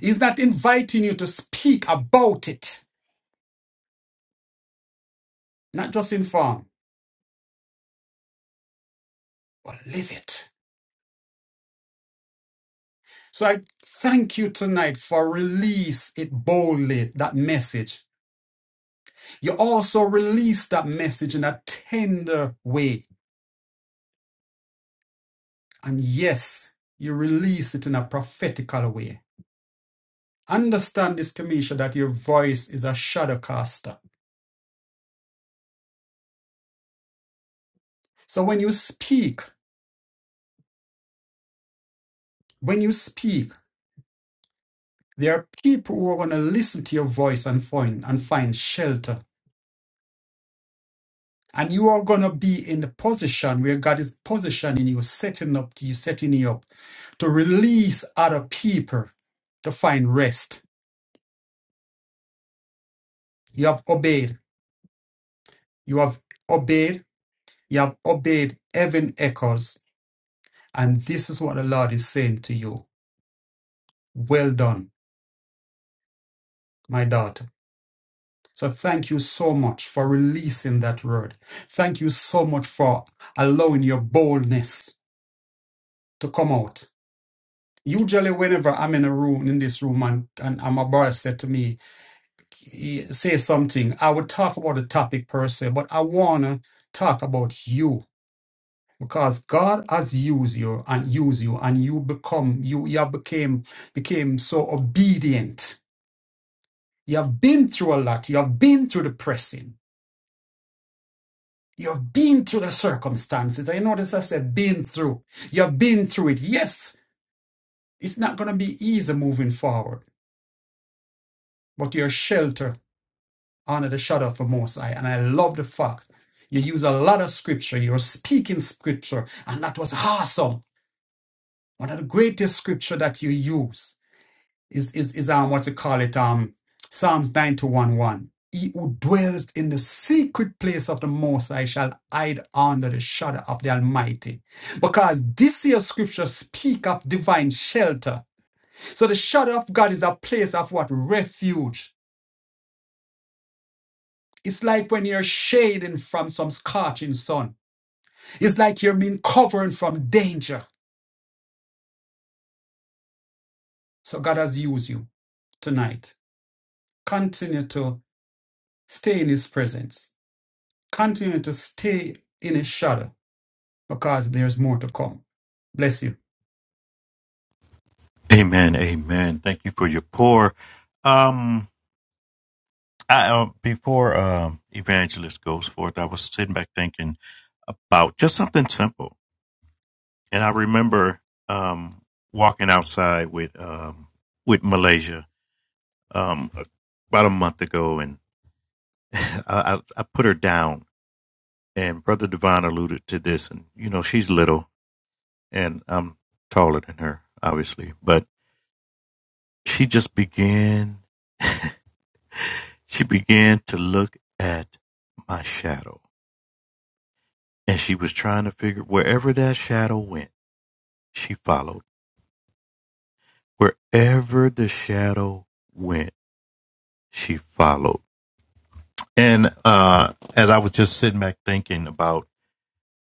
Speaker 4: He's not inviting you to speak about it, not just inform, but live it. So I thank you tonight for release it boldly, that message You also release that message in a tender way. And yes, you release it in a prophetical way. Understand this, Kamisha, that your voice is a shadow caster. So when you speak, when you speak, there are people who are going to listen to your voice and find and find shelter. And you are going to be in the position where God is positioning you, setting up to you, setting you up to release other people to find rest. You have obeyed. You have obeyed You have obeyed heaven echoes, and this is what the Lord is saying to you. Well done, my daughter. So thank you so much for releasing that word. Thank you so much for allowing your boldness to come out. Usually, whenever I'm in a room, in this room, and, and, and my brother said to me, "Eh, say something, I would talk about the topic per se, but I want to talk about you because God has used you and used you, and you become you you have became became so obedient. You have been through a lot. You have been through the pressing. You have been through the circumstances. I notice I said been through. You have been through it. Yes, it's not going to be easy moving forward, but you're sheltered under the shadow of the Most High. And I love the fact you use a lot of scripture. You're speaking scripture, and that was awesome. One of the greatest scripture that you use is is is um what's it call it um Psalms 91 1. He who dwells in the secret place of the Most High shall hide under the shadow of the Almighty. Because this here scripture speak of divine shelter. So the shadow of God is a place of what? Refuge. It's like when you're shading from some scorching sun. It's like you're being covered from danger. So God has used you tonight. Continue to stay in his presence Continue to stay in his shadow because there's more to come. Bless you.
Speaker 1: Amen. Amen. Thank you for your pour. Um, I, uh, before um, Evangelist goes forth, I was sitting back thinking about just something simple, and I remember um, walking outside with um, with Malaysia um, about a month ago, and I, I put her down. And Brother Devon alluded to this, and you know she's little, and I'm taller than her, obviously. But she just began. She began to look at my shadow, and she was trying to figure wherever that shadow went, she followed. Wherever the shadow went, she followed. And uh, as I was just sitting back thinking about,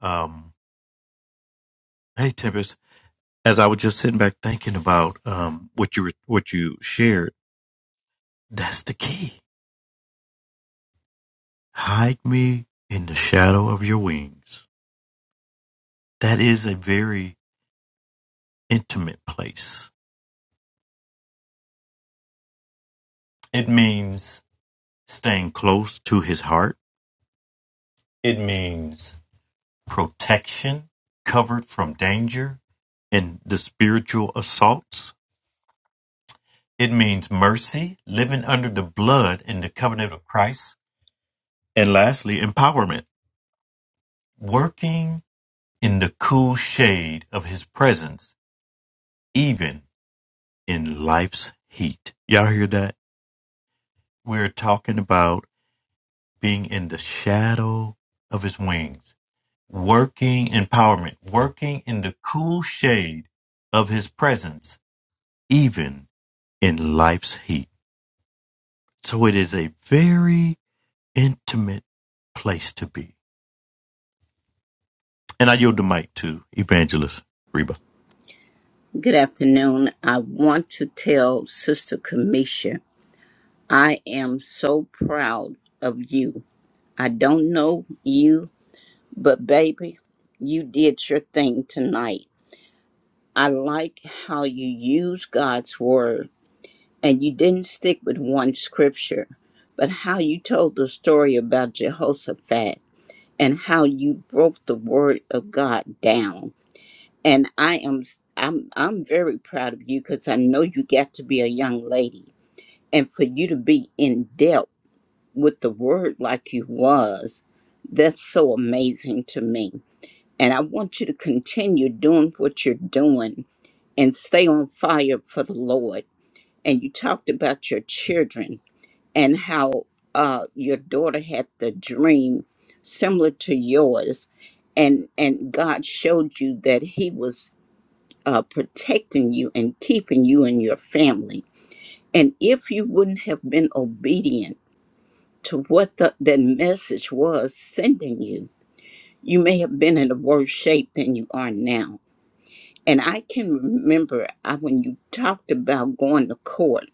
Speaker 1: um, hey Tempest, as I was just sitting back thinking about um, what you were, what you shared, that's the key. Hide me in the shadow of your wings. That is a very intimate place. It means staying close to his heart. It means protection, covered from danger and the spiritual assaults. It means mercy, living under the blood and the covenant of Christ. And lastly, empowerment, working in the cool shade of his presence, even in life's heat. Y'all hear that? We're talking about being in the shadow of his wings, working empowerment, working in the cool shade of his presence, even in life's heat. So it is a very intimate place to be. And I yield the mic to Evangelist Reba.
Speaker 5: Good afternoon. I want to tell Sister Kamisha, I am so proud of you. I don't know you, but baby, you did your thing tonight. I like how you use God's word and you didn't stick with one scripture, but how you told the story about Jehoshaphat and how you broke the word of God down and I am i am I'm I'm very proud of you because I know you got to be a young lady, and for you to be in depth with the word like you was, that's so amazing to me. And I want you to continue doing what you're doing and stay on fire for the Lord. And you talked about your children and how uh, your daughter had the dream similar to yours, and and God showed you that He was uh, protecting you and keeping you and your family. And if you wouldn't have been obedient to what the, that message was sending you, you may have been in a worse shape than you are now. And I can remember I, when you talked about going to court,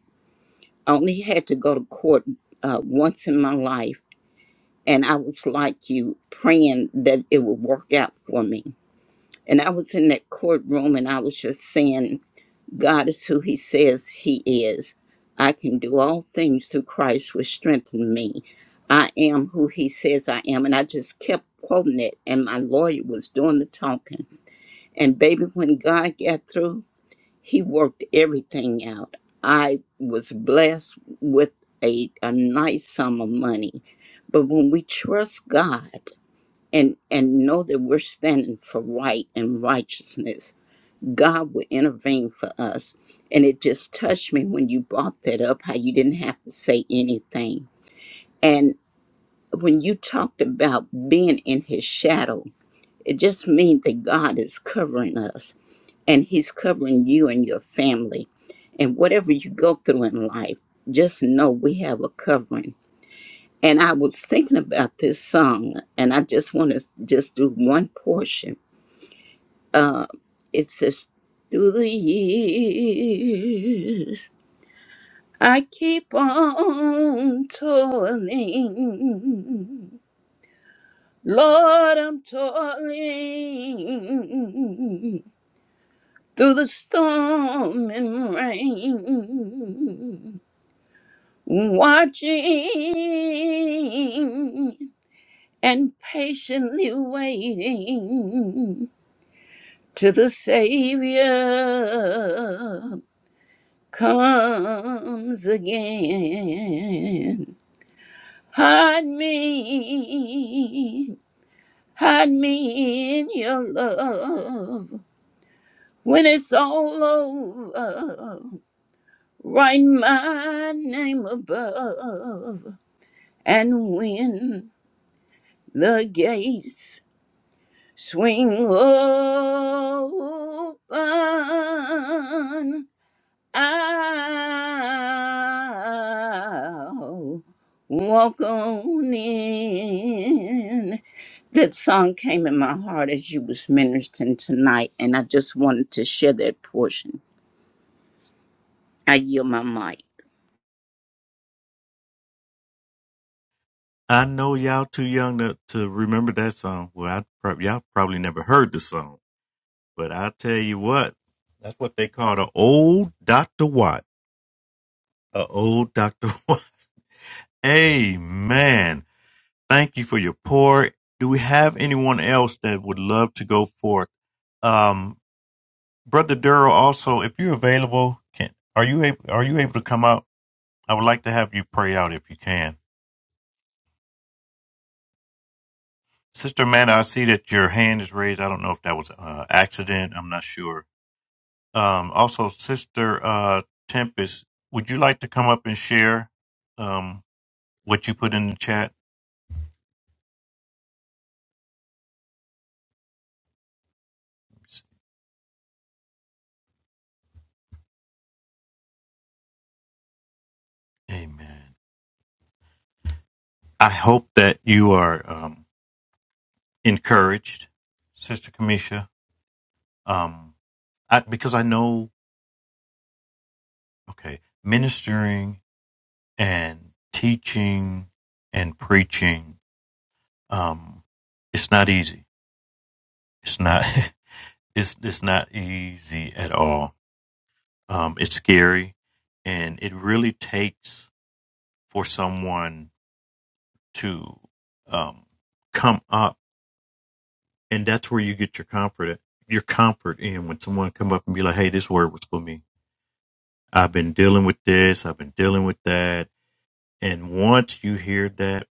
Speaker 5: I only had to go to court uh, once in my life. And I was like you, praying that it would work out for me. And I was in that courtroom and I was just saying, God is who He says He is. I can do all things through Christ, which strengthen me. I am who He says I am. And I just kept quoting it, and my lawyer was doing the talking. And baby, when God got through, He worked everything out. I was blessed with a, a nice sum of money. But when we trust God, and, and know that we're standing for right and righteousness. God would intervene for us. And it just touched me when you brought that up, how you didn't have to say anything. And when you talked about being in his shadow, it just means that God is covering us and he's covering you and your family. And whatever you go through in life, just know we have a covering. And I was thinking about this song, and I just want to just do one portion Uh, it says, through the years, I keep on toiling. Lord, I'm toiling through the storm and rain, watching and patiently waiting to the Savior comes again. Hide me, hide me in your love. When it's all over, write my name above. And when the gates swing open, I'll walk on in. That song came in my heart as you was ministering tonight, and I just wanted to share that portion. I yield my mic.
Speaker 1: I know y'all too young to, to remember that song. Well, I prob- y'all probably never heard the song, but I tell you what, that's what they call the old Dr. Watt. A old Dr. Watt. Amen. Thank you for your pour. Do we have anyone else that would love to go forth? Um, Brother Durrell, also, if you're available, can are you able are you able to come out? I would like to have you pray out if you can. Sister Amanda, I see that your hand is raised. I don't know if that was an accident. I'm not sure Um, also, Sister uh, Tempest, would you like to come up and share um, what you put in the chat? Amen. I hope that you are um, encouraged, Sister Kamisha, um, I, because I know, okay, ministering and teaching and preaching, um, it's not easy. It's not. It's it's not easy at all. Um, it's scary, and it really takes for someone to um, come up, and that's where you get your comfort. At, your comfort in when someone come up and be like, "Hey, this word was for me. I've been dealing with this. I've been dealing with that." And once you hear that,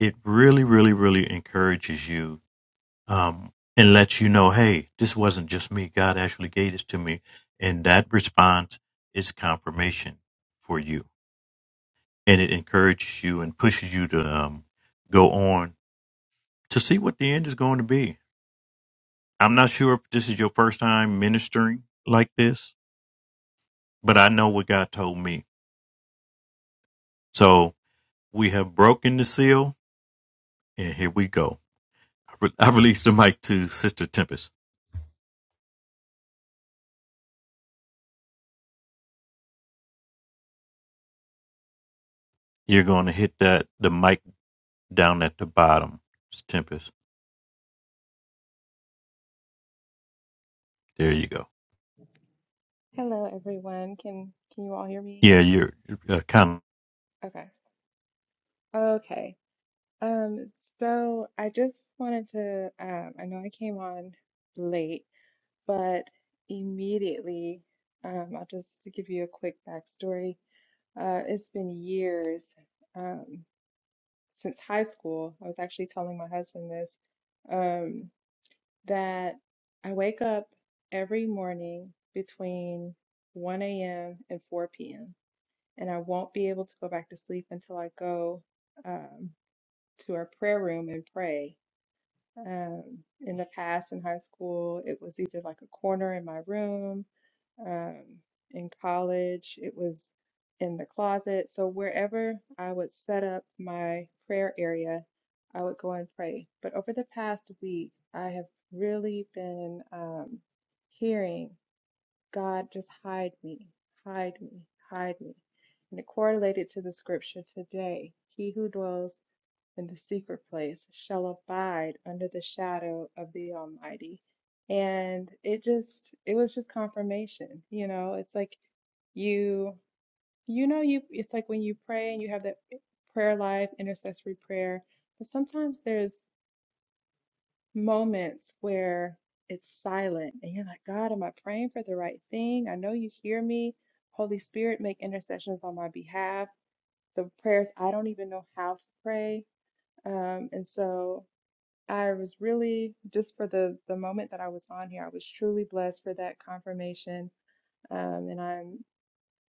Speaker 1: it really, really, really encourages you um, and lets you know, "Hey, this wasn't just me. God actually gave this to me." And that response is confirmation for you, and it encourages you and pushes you to um, go on to see what the end is going to be. I'm not sure if this is your first time ministering like this, but I know what God told me. So we have broken the seal, and here we go. I, re- I released the mic to Sister Tempest. You're going to hit that the mic down at the bottom, Tempest. There you go.
Speaker 6: Hello, everyone. Can can you all hear me?
Speaker 1: Yeah, you're uh, kind of
Speaker 6: Okay. Okay. Um, so I just wanted to um I know I came on late, but immediately um I'll just to give you a quick backstory. Uh it's been years um since high school. I was actually telling my husband this um that I wake up every morning between 1 a.m. and 4 p.m. and I won't be able to go back to sleep until I go um, to our prayer room and pray. Um, in the past, in high school, it was either like a corner in my room. Um, in college, it was in the closet. So wherever I would set up my prayer area, I would go and pray. But over the past week, I have really been um, hearing. God, just hide me, hide me, hide me. And it correlated to the scripture today. He who dwells in the secret place shall abide under the shadow of the Almighty. And it just, it was just confirmation. You know, it's like you, you know, you, it's like when you pray and you have that prayer life, intercessory prayer, but sometimes there's moments where it's silent and you're like, God, am I praying for the right thing? I know you hear me. Holy Spirit, make intercessions on my behalf. The prayers I don't even know how to pray. Um, and so I was really just for the the moment that I was on here, I was truly blessed for that confirmation. Um, and I'm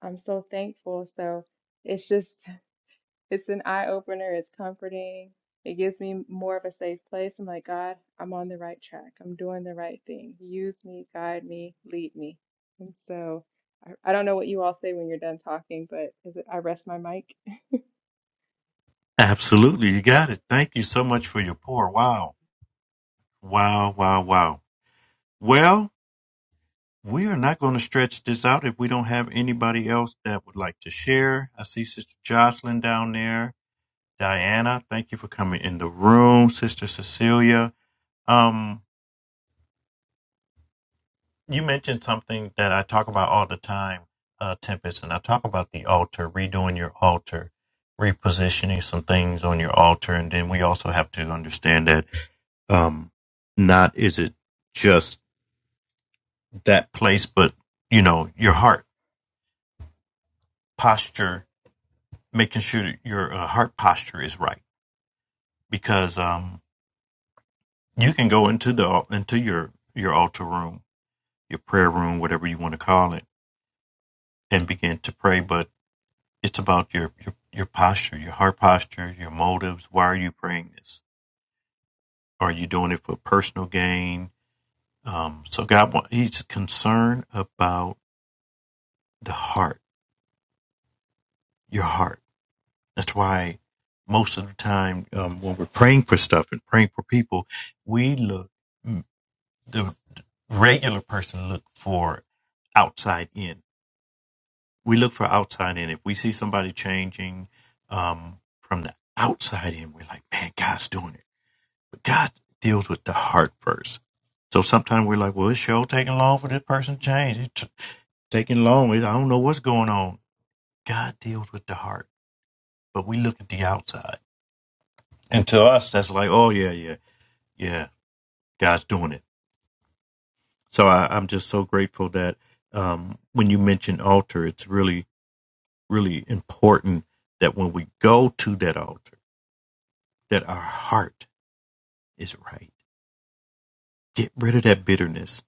Speaker 6: I'm so thankful. So it's just it's an eye opener. It's comforting. It gives me more of a safe place. I'm like, God, I'm on the right track. I'm doing the right thing. Use me, guide me, lead me. And so I, I don't know what you all say when you're done talking, but is it, I rest my mic.
Speaker 1: absolutely. You got it. Thank you so much for your pour. Wow, wow, wow, wow. Well. We are not going to stretch this out if we don't have anybody else that would like to share. I see Sister Jocelyn down there. Diana, thank you for coming in the room. Sister Cecilia, um, you mentioned something that I talk about all the time, uh, Tempest, and I talk about the altar, redoing your altar, repositioning some things on your altar. And then we also have to understand that um, not is it just that place, but, you know, your heart posture making sure your uh, heart posture is right because um, you can go into the into your your altar room, your prayer room, whatever you want to call it, and begin to pray. But it's about your your, your posture, your heart posture, your motives. Why are you praying this? Are you doing it for personal gain? Um, so God, wa- He's concerned about the heart, your heart. That's why most of the time um, when we're praying for stuff and praying for people, we look the regular person look for outside in. We look for outside in. If we see somebody changing um, from the outside in, we're like, man, God's doing it. But God deals with the heart first. So sometimes we're like, well, it's sure taking long for this person to change. It's taking long. I don't know what's going on. God deals with the heart, but we look at the outside. And to us, that's like, oh, yeah, yeah, yeah, God's doing it So I, I'm just so grateful that um, when you mention altar, it's really, really important that when we go to that altar, that our heart is right. Get rid of that bitterness.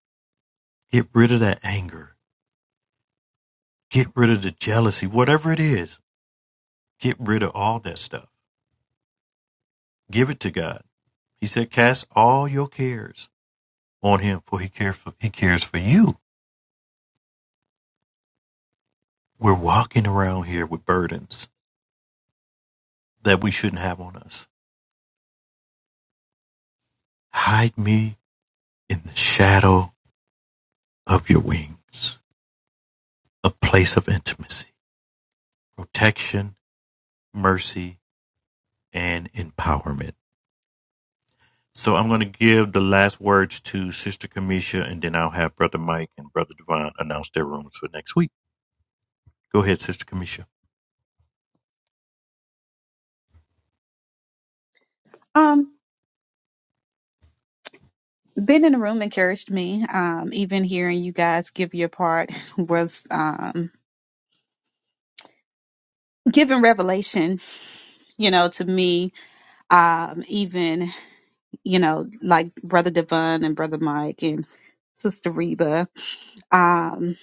Speaker 1: Get rid of that anger. Get rid of the jealousy, whatever it is. Get rid of all that stuff. Give it to God. He said, cast all your cares on him for he cares for, he cares for you. We're walking around here with burdens that we shouldn't have on us. Hide me in the shadow of your wings, a place of intimacy, protection, mercy, and empowerment. So I'm going to give the last words to Sister Kamisha, and then I'll have Brother Mike and Brother Devon announce their rooms for next week. Go ahead, Sister Kamisha.
Speaker 3: Um, being in the room encouraged me. Um, even hearing you guys give your part was um giving revelation, you know, to me. Um, even you know, like Brother Devon and Brother Mike and Sister Reba. Um,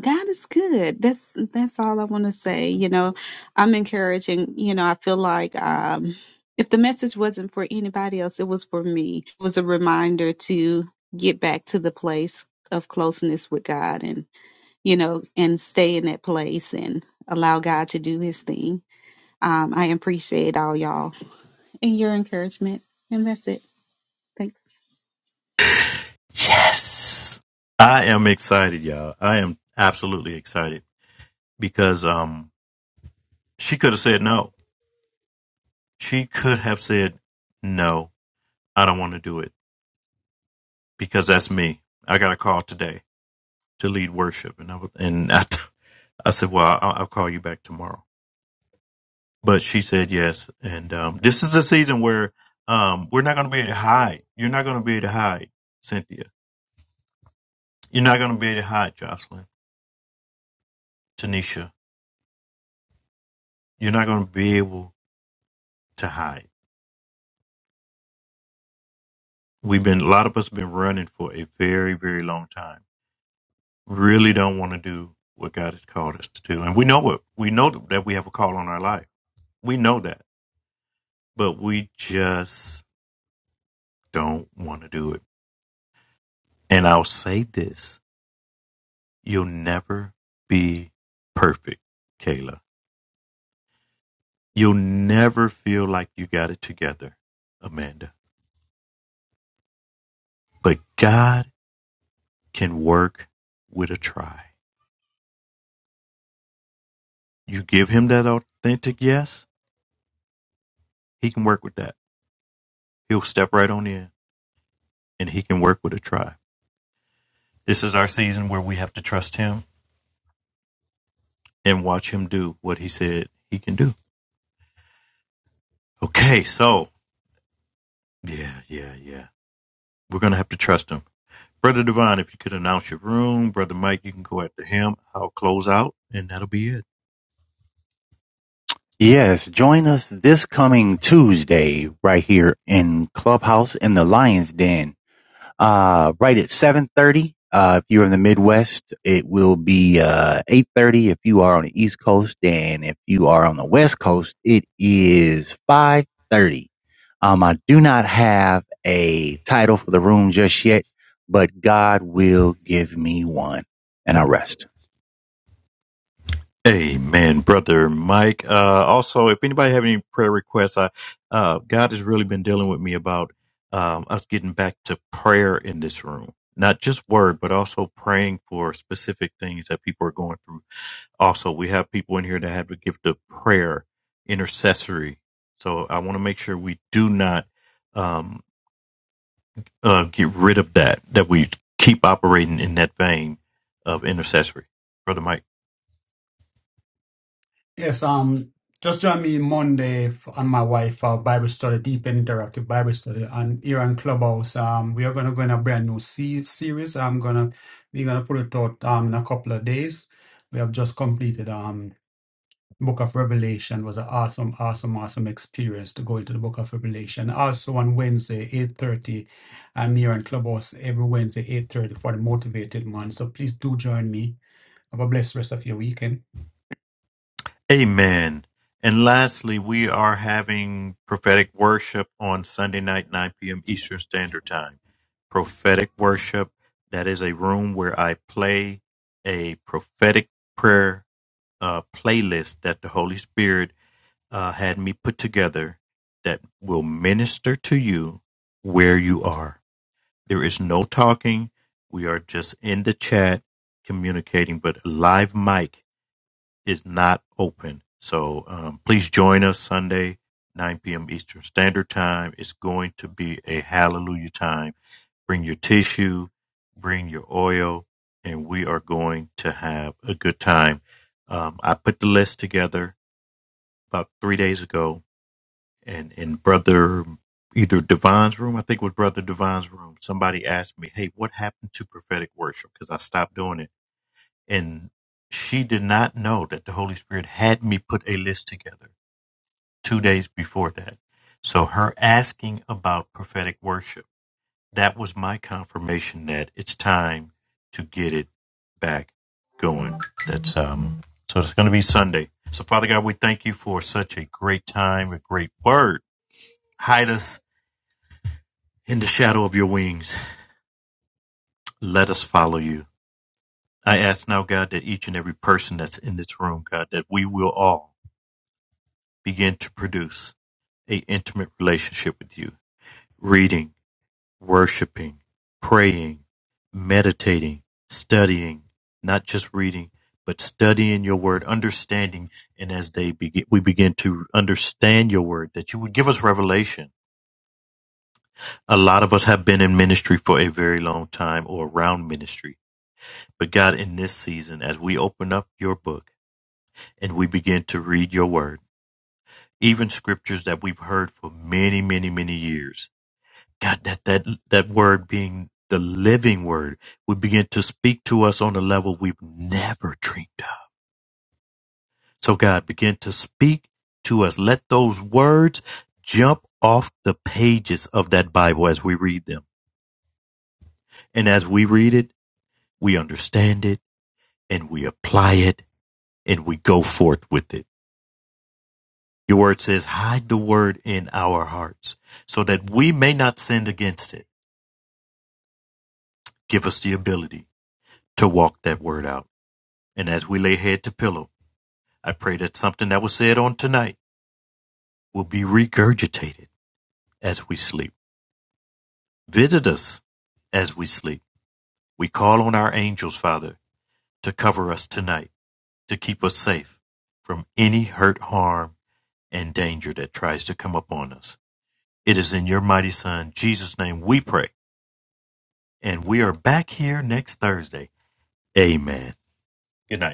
Speaker 3: God is good. That's that's all I want to say. You know, I'm encouraging. You know, I feel like um, if the message wasn't for anybody else, it was for me. It was a reminder to get back to the place of closeness with God, and you know, and stay in that place and allow God to do His thing. Um, I appreciate all y'all and your encouragement, and that's it. Thank
Speaker 1: Yes, I am excited, y'all. I am absolutely excited because um, she could have said no. She could have said no. I don't want to do it because that's me. I got a call today to lead worship, and I was, and I, I said, well, I'll, I'll call you back tomorrow. But she said yes. And um, this is the season where um, we're not going to be able to hide. You're not going to be able to hide, Cynthia. You're not going to be able to hide, Jocelyn, Tanisha. You're not going to be able to hide. We've been, a lot of us have been running for a very, very long time. Really don't want to do what God has called us to do. And we know what We know that we have a call on our life. We know that. But we just don't want to do it. And I'll say this You'll never be perfect, Kayla. You'll never feel like you got it together, Amanda. But God can work with a try. You give him that authentic yes, he can work with that. He'll step right on in and he can work with a try. This is our season where we have to trust him and watch him do what he said he can do. Okay, so yeah, yeah, yeah. We're going to have to trust him Brother Divine, if you could announce your room, Brother Mike, you can go after him. I'll close out, and that'll be it.
Speaker 2: Yes, join us this coming Tuesday right here in Clubhouse in the Lion's Den uh, right at 7.30 uh, if you're in the midwest it will be uh, 8.30 if you are on the east coast and if you are on the west coast it is 5.30 um, i do not have a title for the room just yet but god will give me one and i rest
Speaker 1: Amen, Brother Mike. Uh, also, if anybody have any prayer requests, I, uh, God has really been dealing with me about um, us getting back to prayer in this room. Not just word, but also praying for specific things that people are going through. Also, we have people in here that have the gift of prayer, intercessory. So I want to make sure we do not um, uh, get rid of that, that we keep operating in that vein of intercessory. Brother Mike.
Speaker 4: Yes, um, just join me Monday f- and my wife for Bible study, deep and interactive Bible study, and here on Clubhouse. Um, we are gonna go in a brand new se- series. I'm gonna we're gonna put it out um in a couple of days. We have just completed um Book of Revelation was an awesome, awesome, awesome experience to go into the Book of Revelation. Also on Wednesday, 8.30, I'm here on Clubhouse every Wednesday, 8.30 for the Motivated Month. So please do join me. Have a blessed rest of your weekend.
Speaker 1: Amen. And lastly, we are having prophetic worship on Sunday night, 9 p.m. Eastern Standard Time. Prophetic worship, that is a room where I play a prophetic prayer uh, playlist that the Holy Spirit uh, had me put together that will minister to you where you are There is no talking. We are just in the chat communicating, but live mic is not open. So um, please join us Sunday, 9 p.m. Eastern Standard Time. It's going to be a hallelujah time. Bring your tissue, bring your oil, and we are going to have a good time. Um, I put the list together about three days ago and in brother either Divine's room, I think it was brother Divine's room. Somebody asked me, "Hey, what happened to prophetic worship?" Because I stopped doing it, and she did not know that the Holy Spirit had me put a list together two days before that. So her asking about prophetic worship that was my confirmation that it's time to get it back going. That's um. So it's going to be Sunday. So Father God, we thank you for such a great time, a great word. Hide us In the shadow of your wings, let us follow you. I ask now, God, that each and every person that's in this room, God, that we will all begin to produce a intimate relationship with you. Reading, worshiping, praying, meditating, studying, not just reading, but studying your word, understanding, and as they begin, we begin to understand your word, that you would give us revelation. A lot of us have been in ministry for a very long time or around ministry But God, in this season, as we open up your book and we begin to read your word, even scriptures that we've heard for many, many, many years, God, that, that, that word being the living word would begin to speak to us on a level we've never dreamed of. So, God, begin to speak to us. Let those words jump off the pages of that Bible as we read them. And as we read it, we understand it and we apply it and we go forth with it. Your word says, hide the word in our hearts so that we may not sin against it. Give us the ability to walk that word out. And as we lay head to pillow, I pray that something that was said on tonight will be regurgitated as we sleep. Visit us as we sleep. We call on our angels, Father, to cover us tonight, to keep us safe from any hurt, harm, and danger that tries to come upon us. It is in your mighty Son, Jesus' name, we pray. And we are back here next Thursday. Amen. Good night.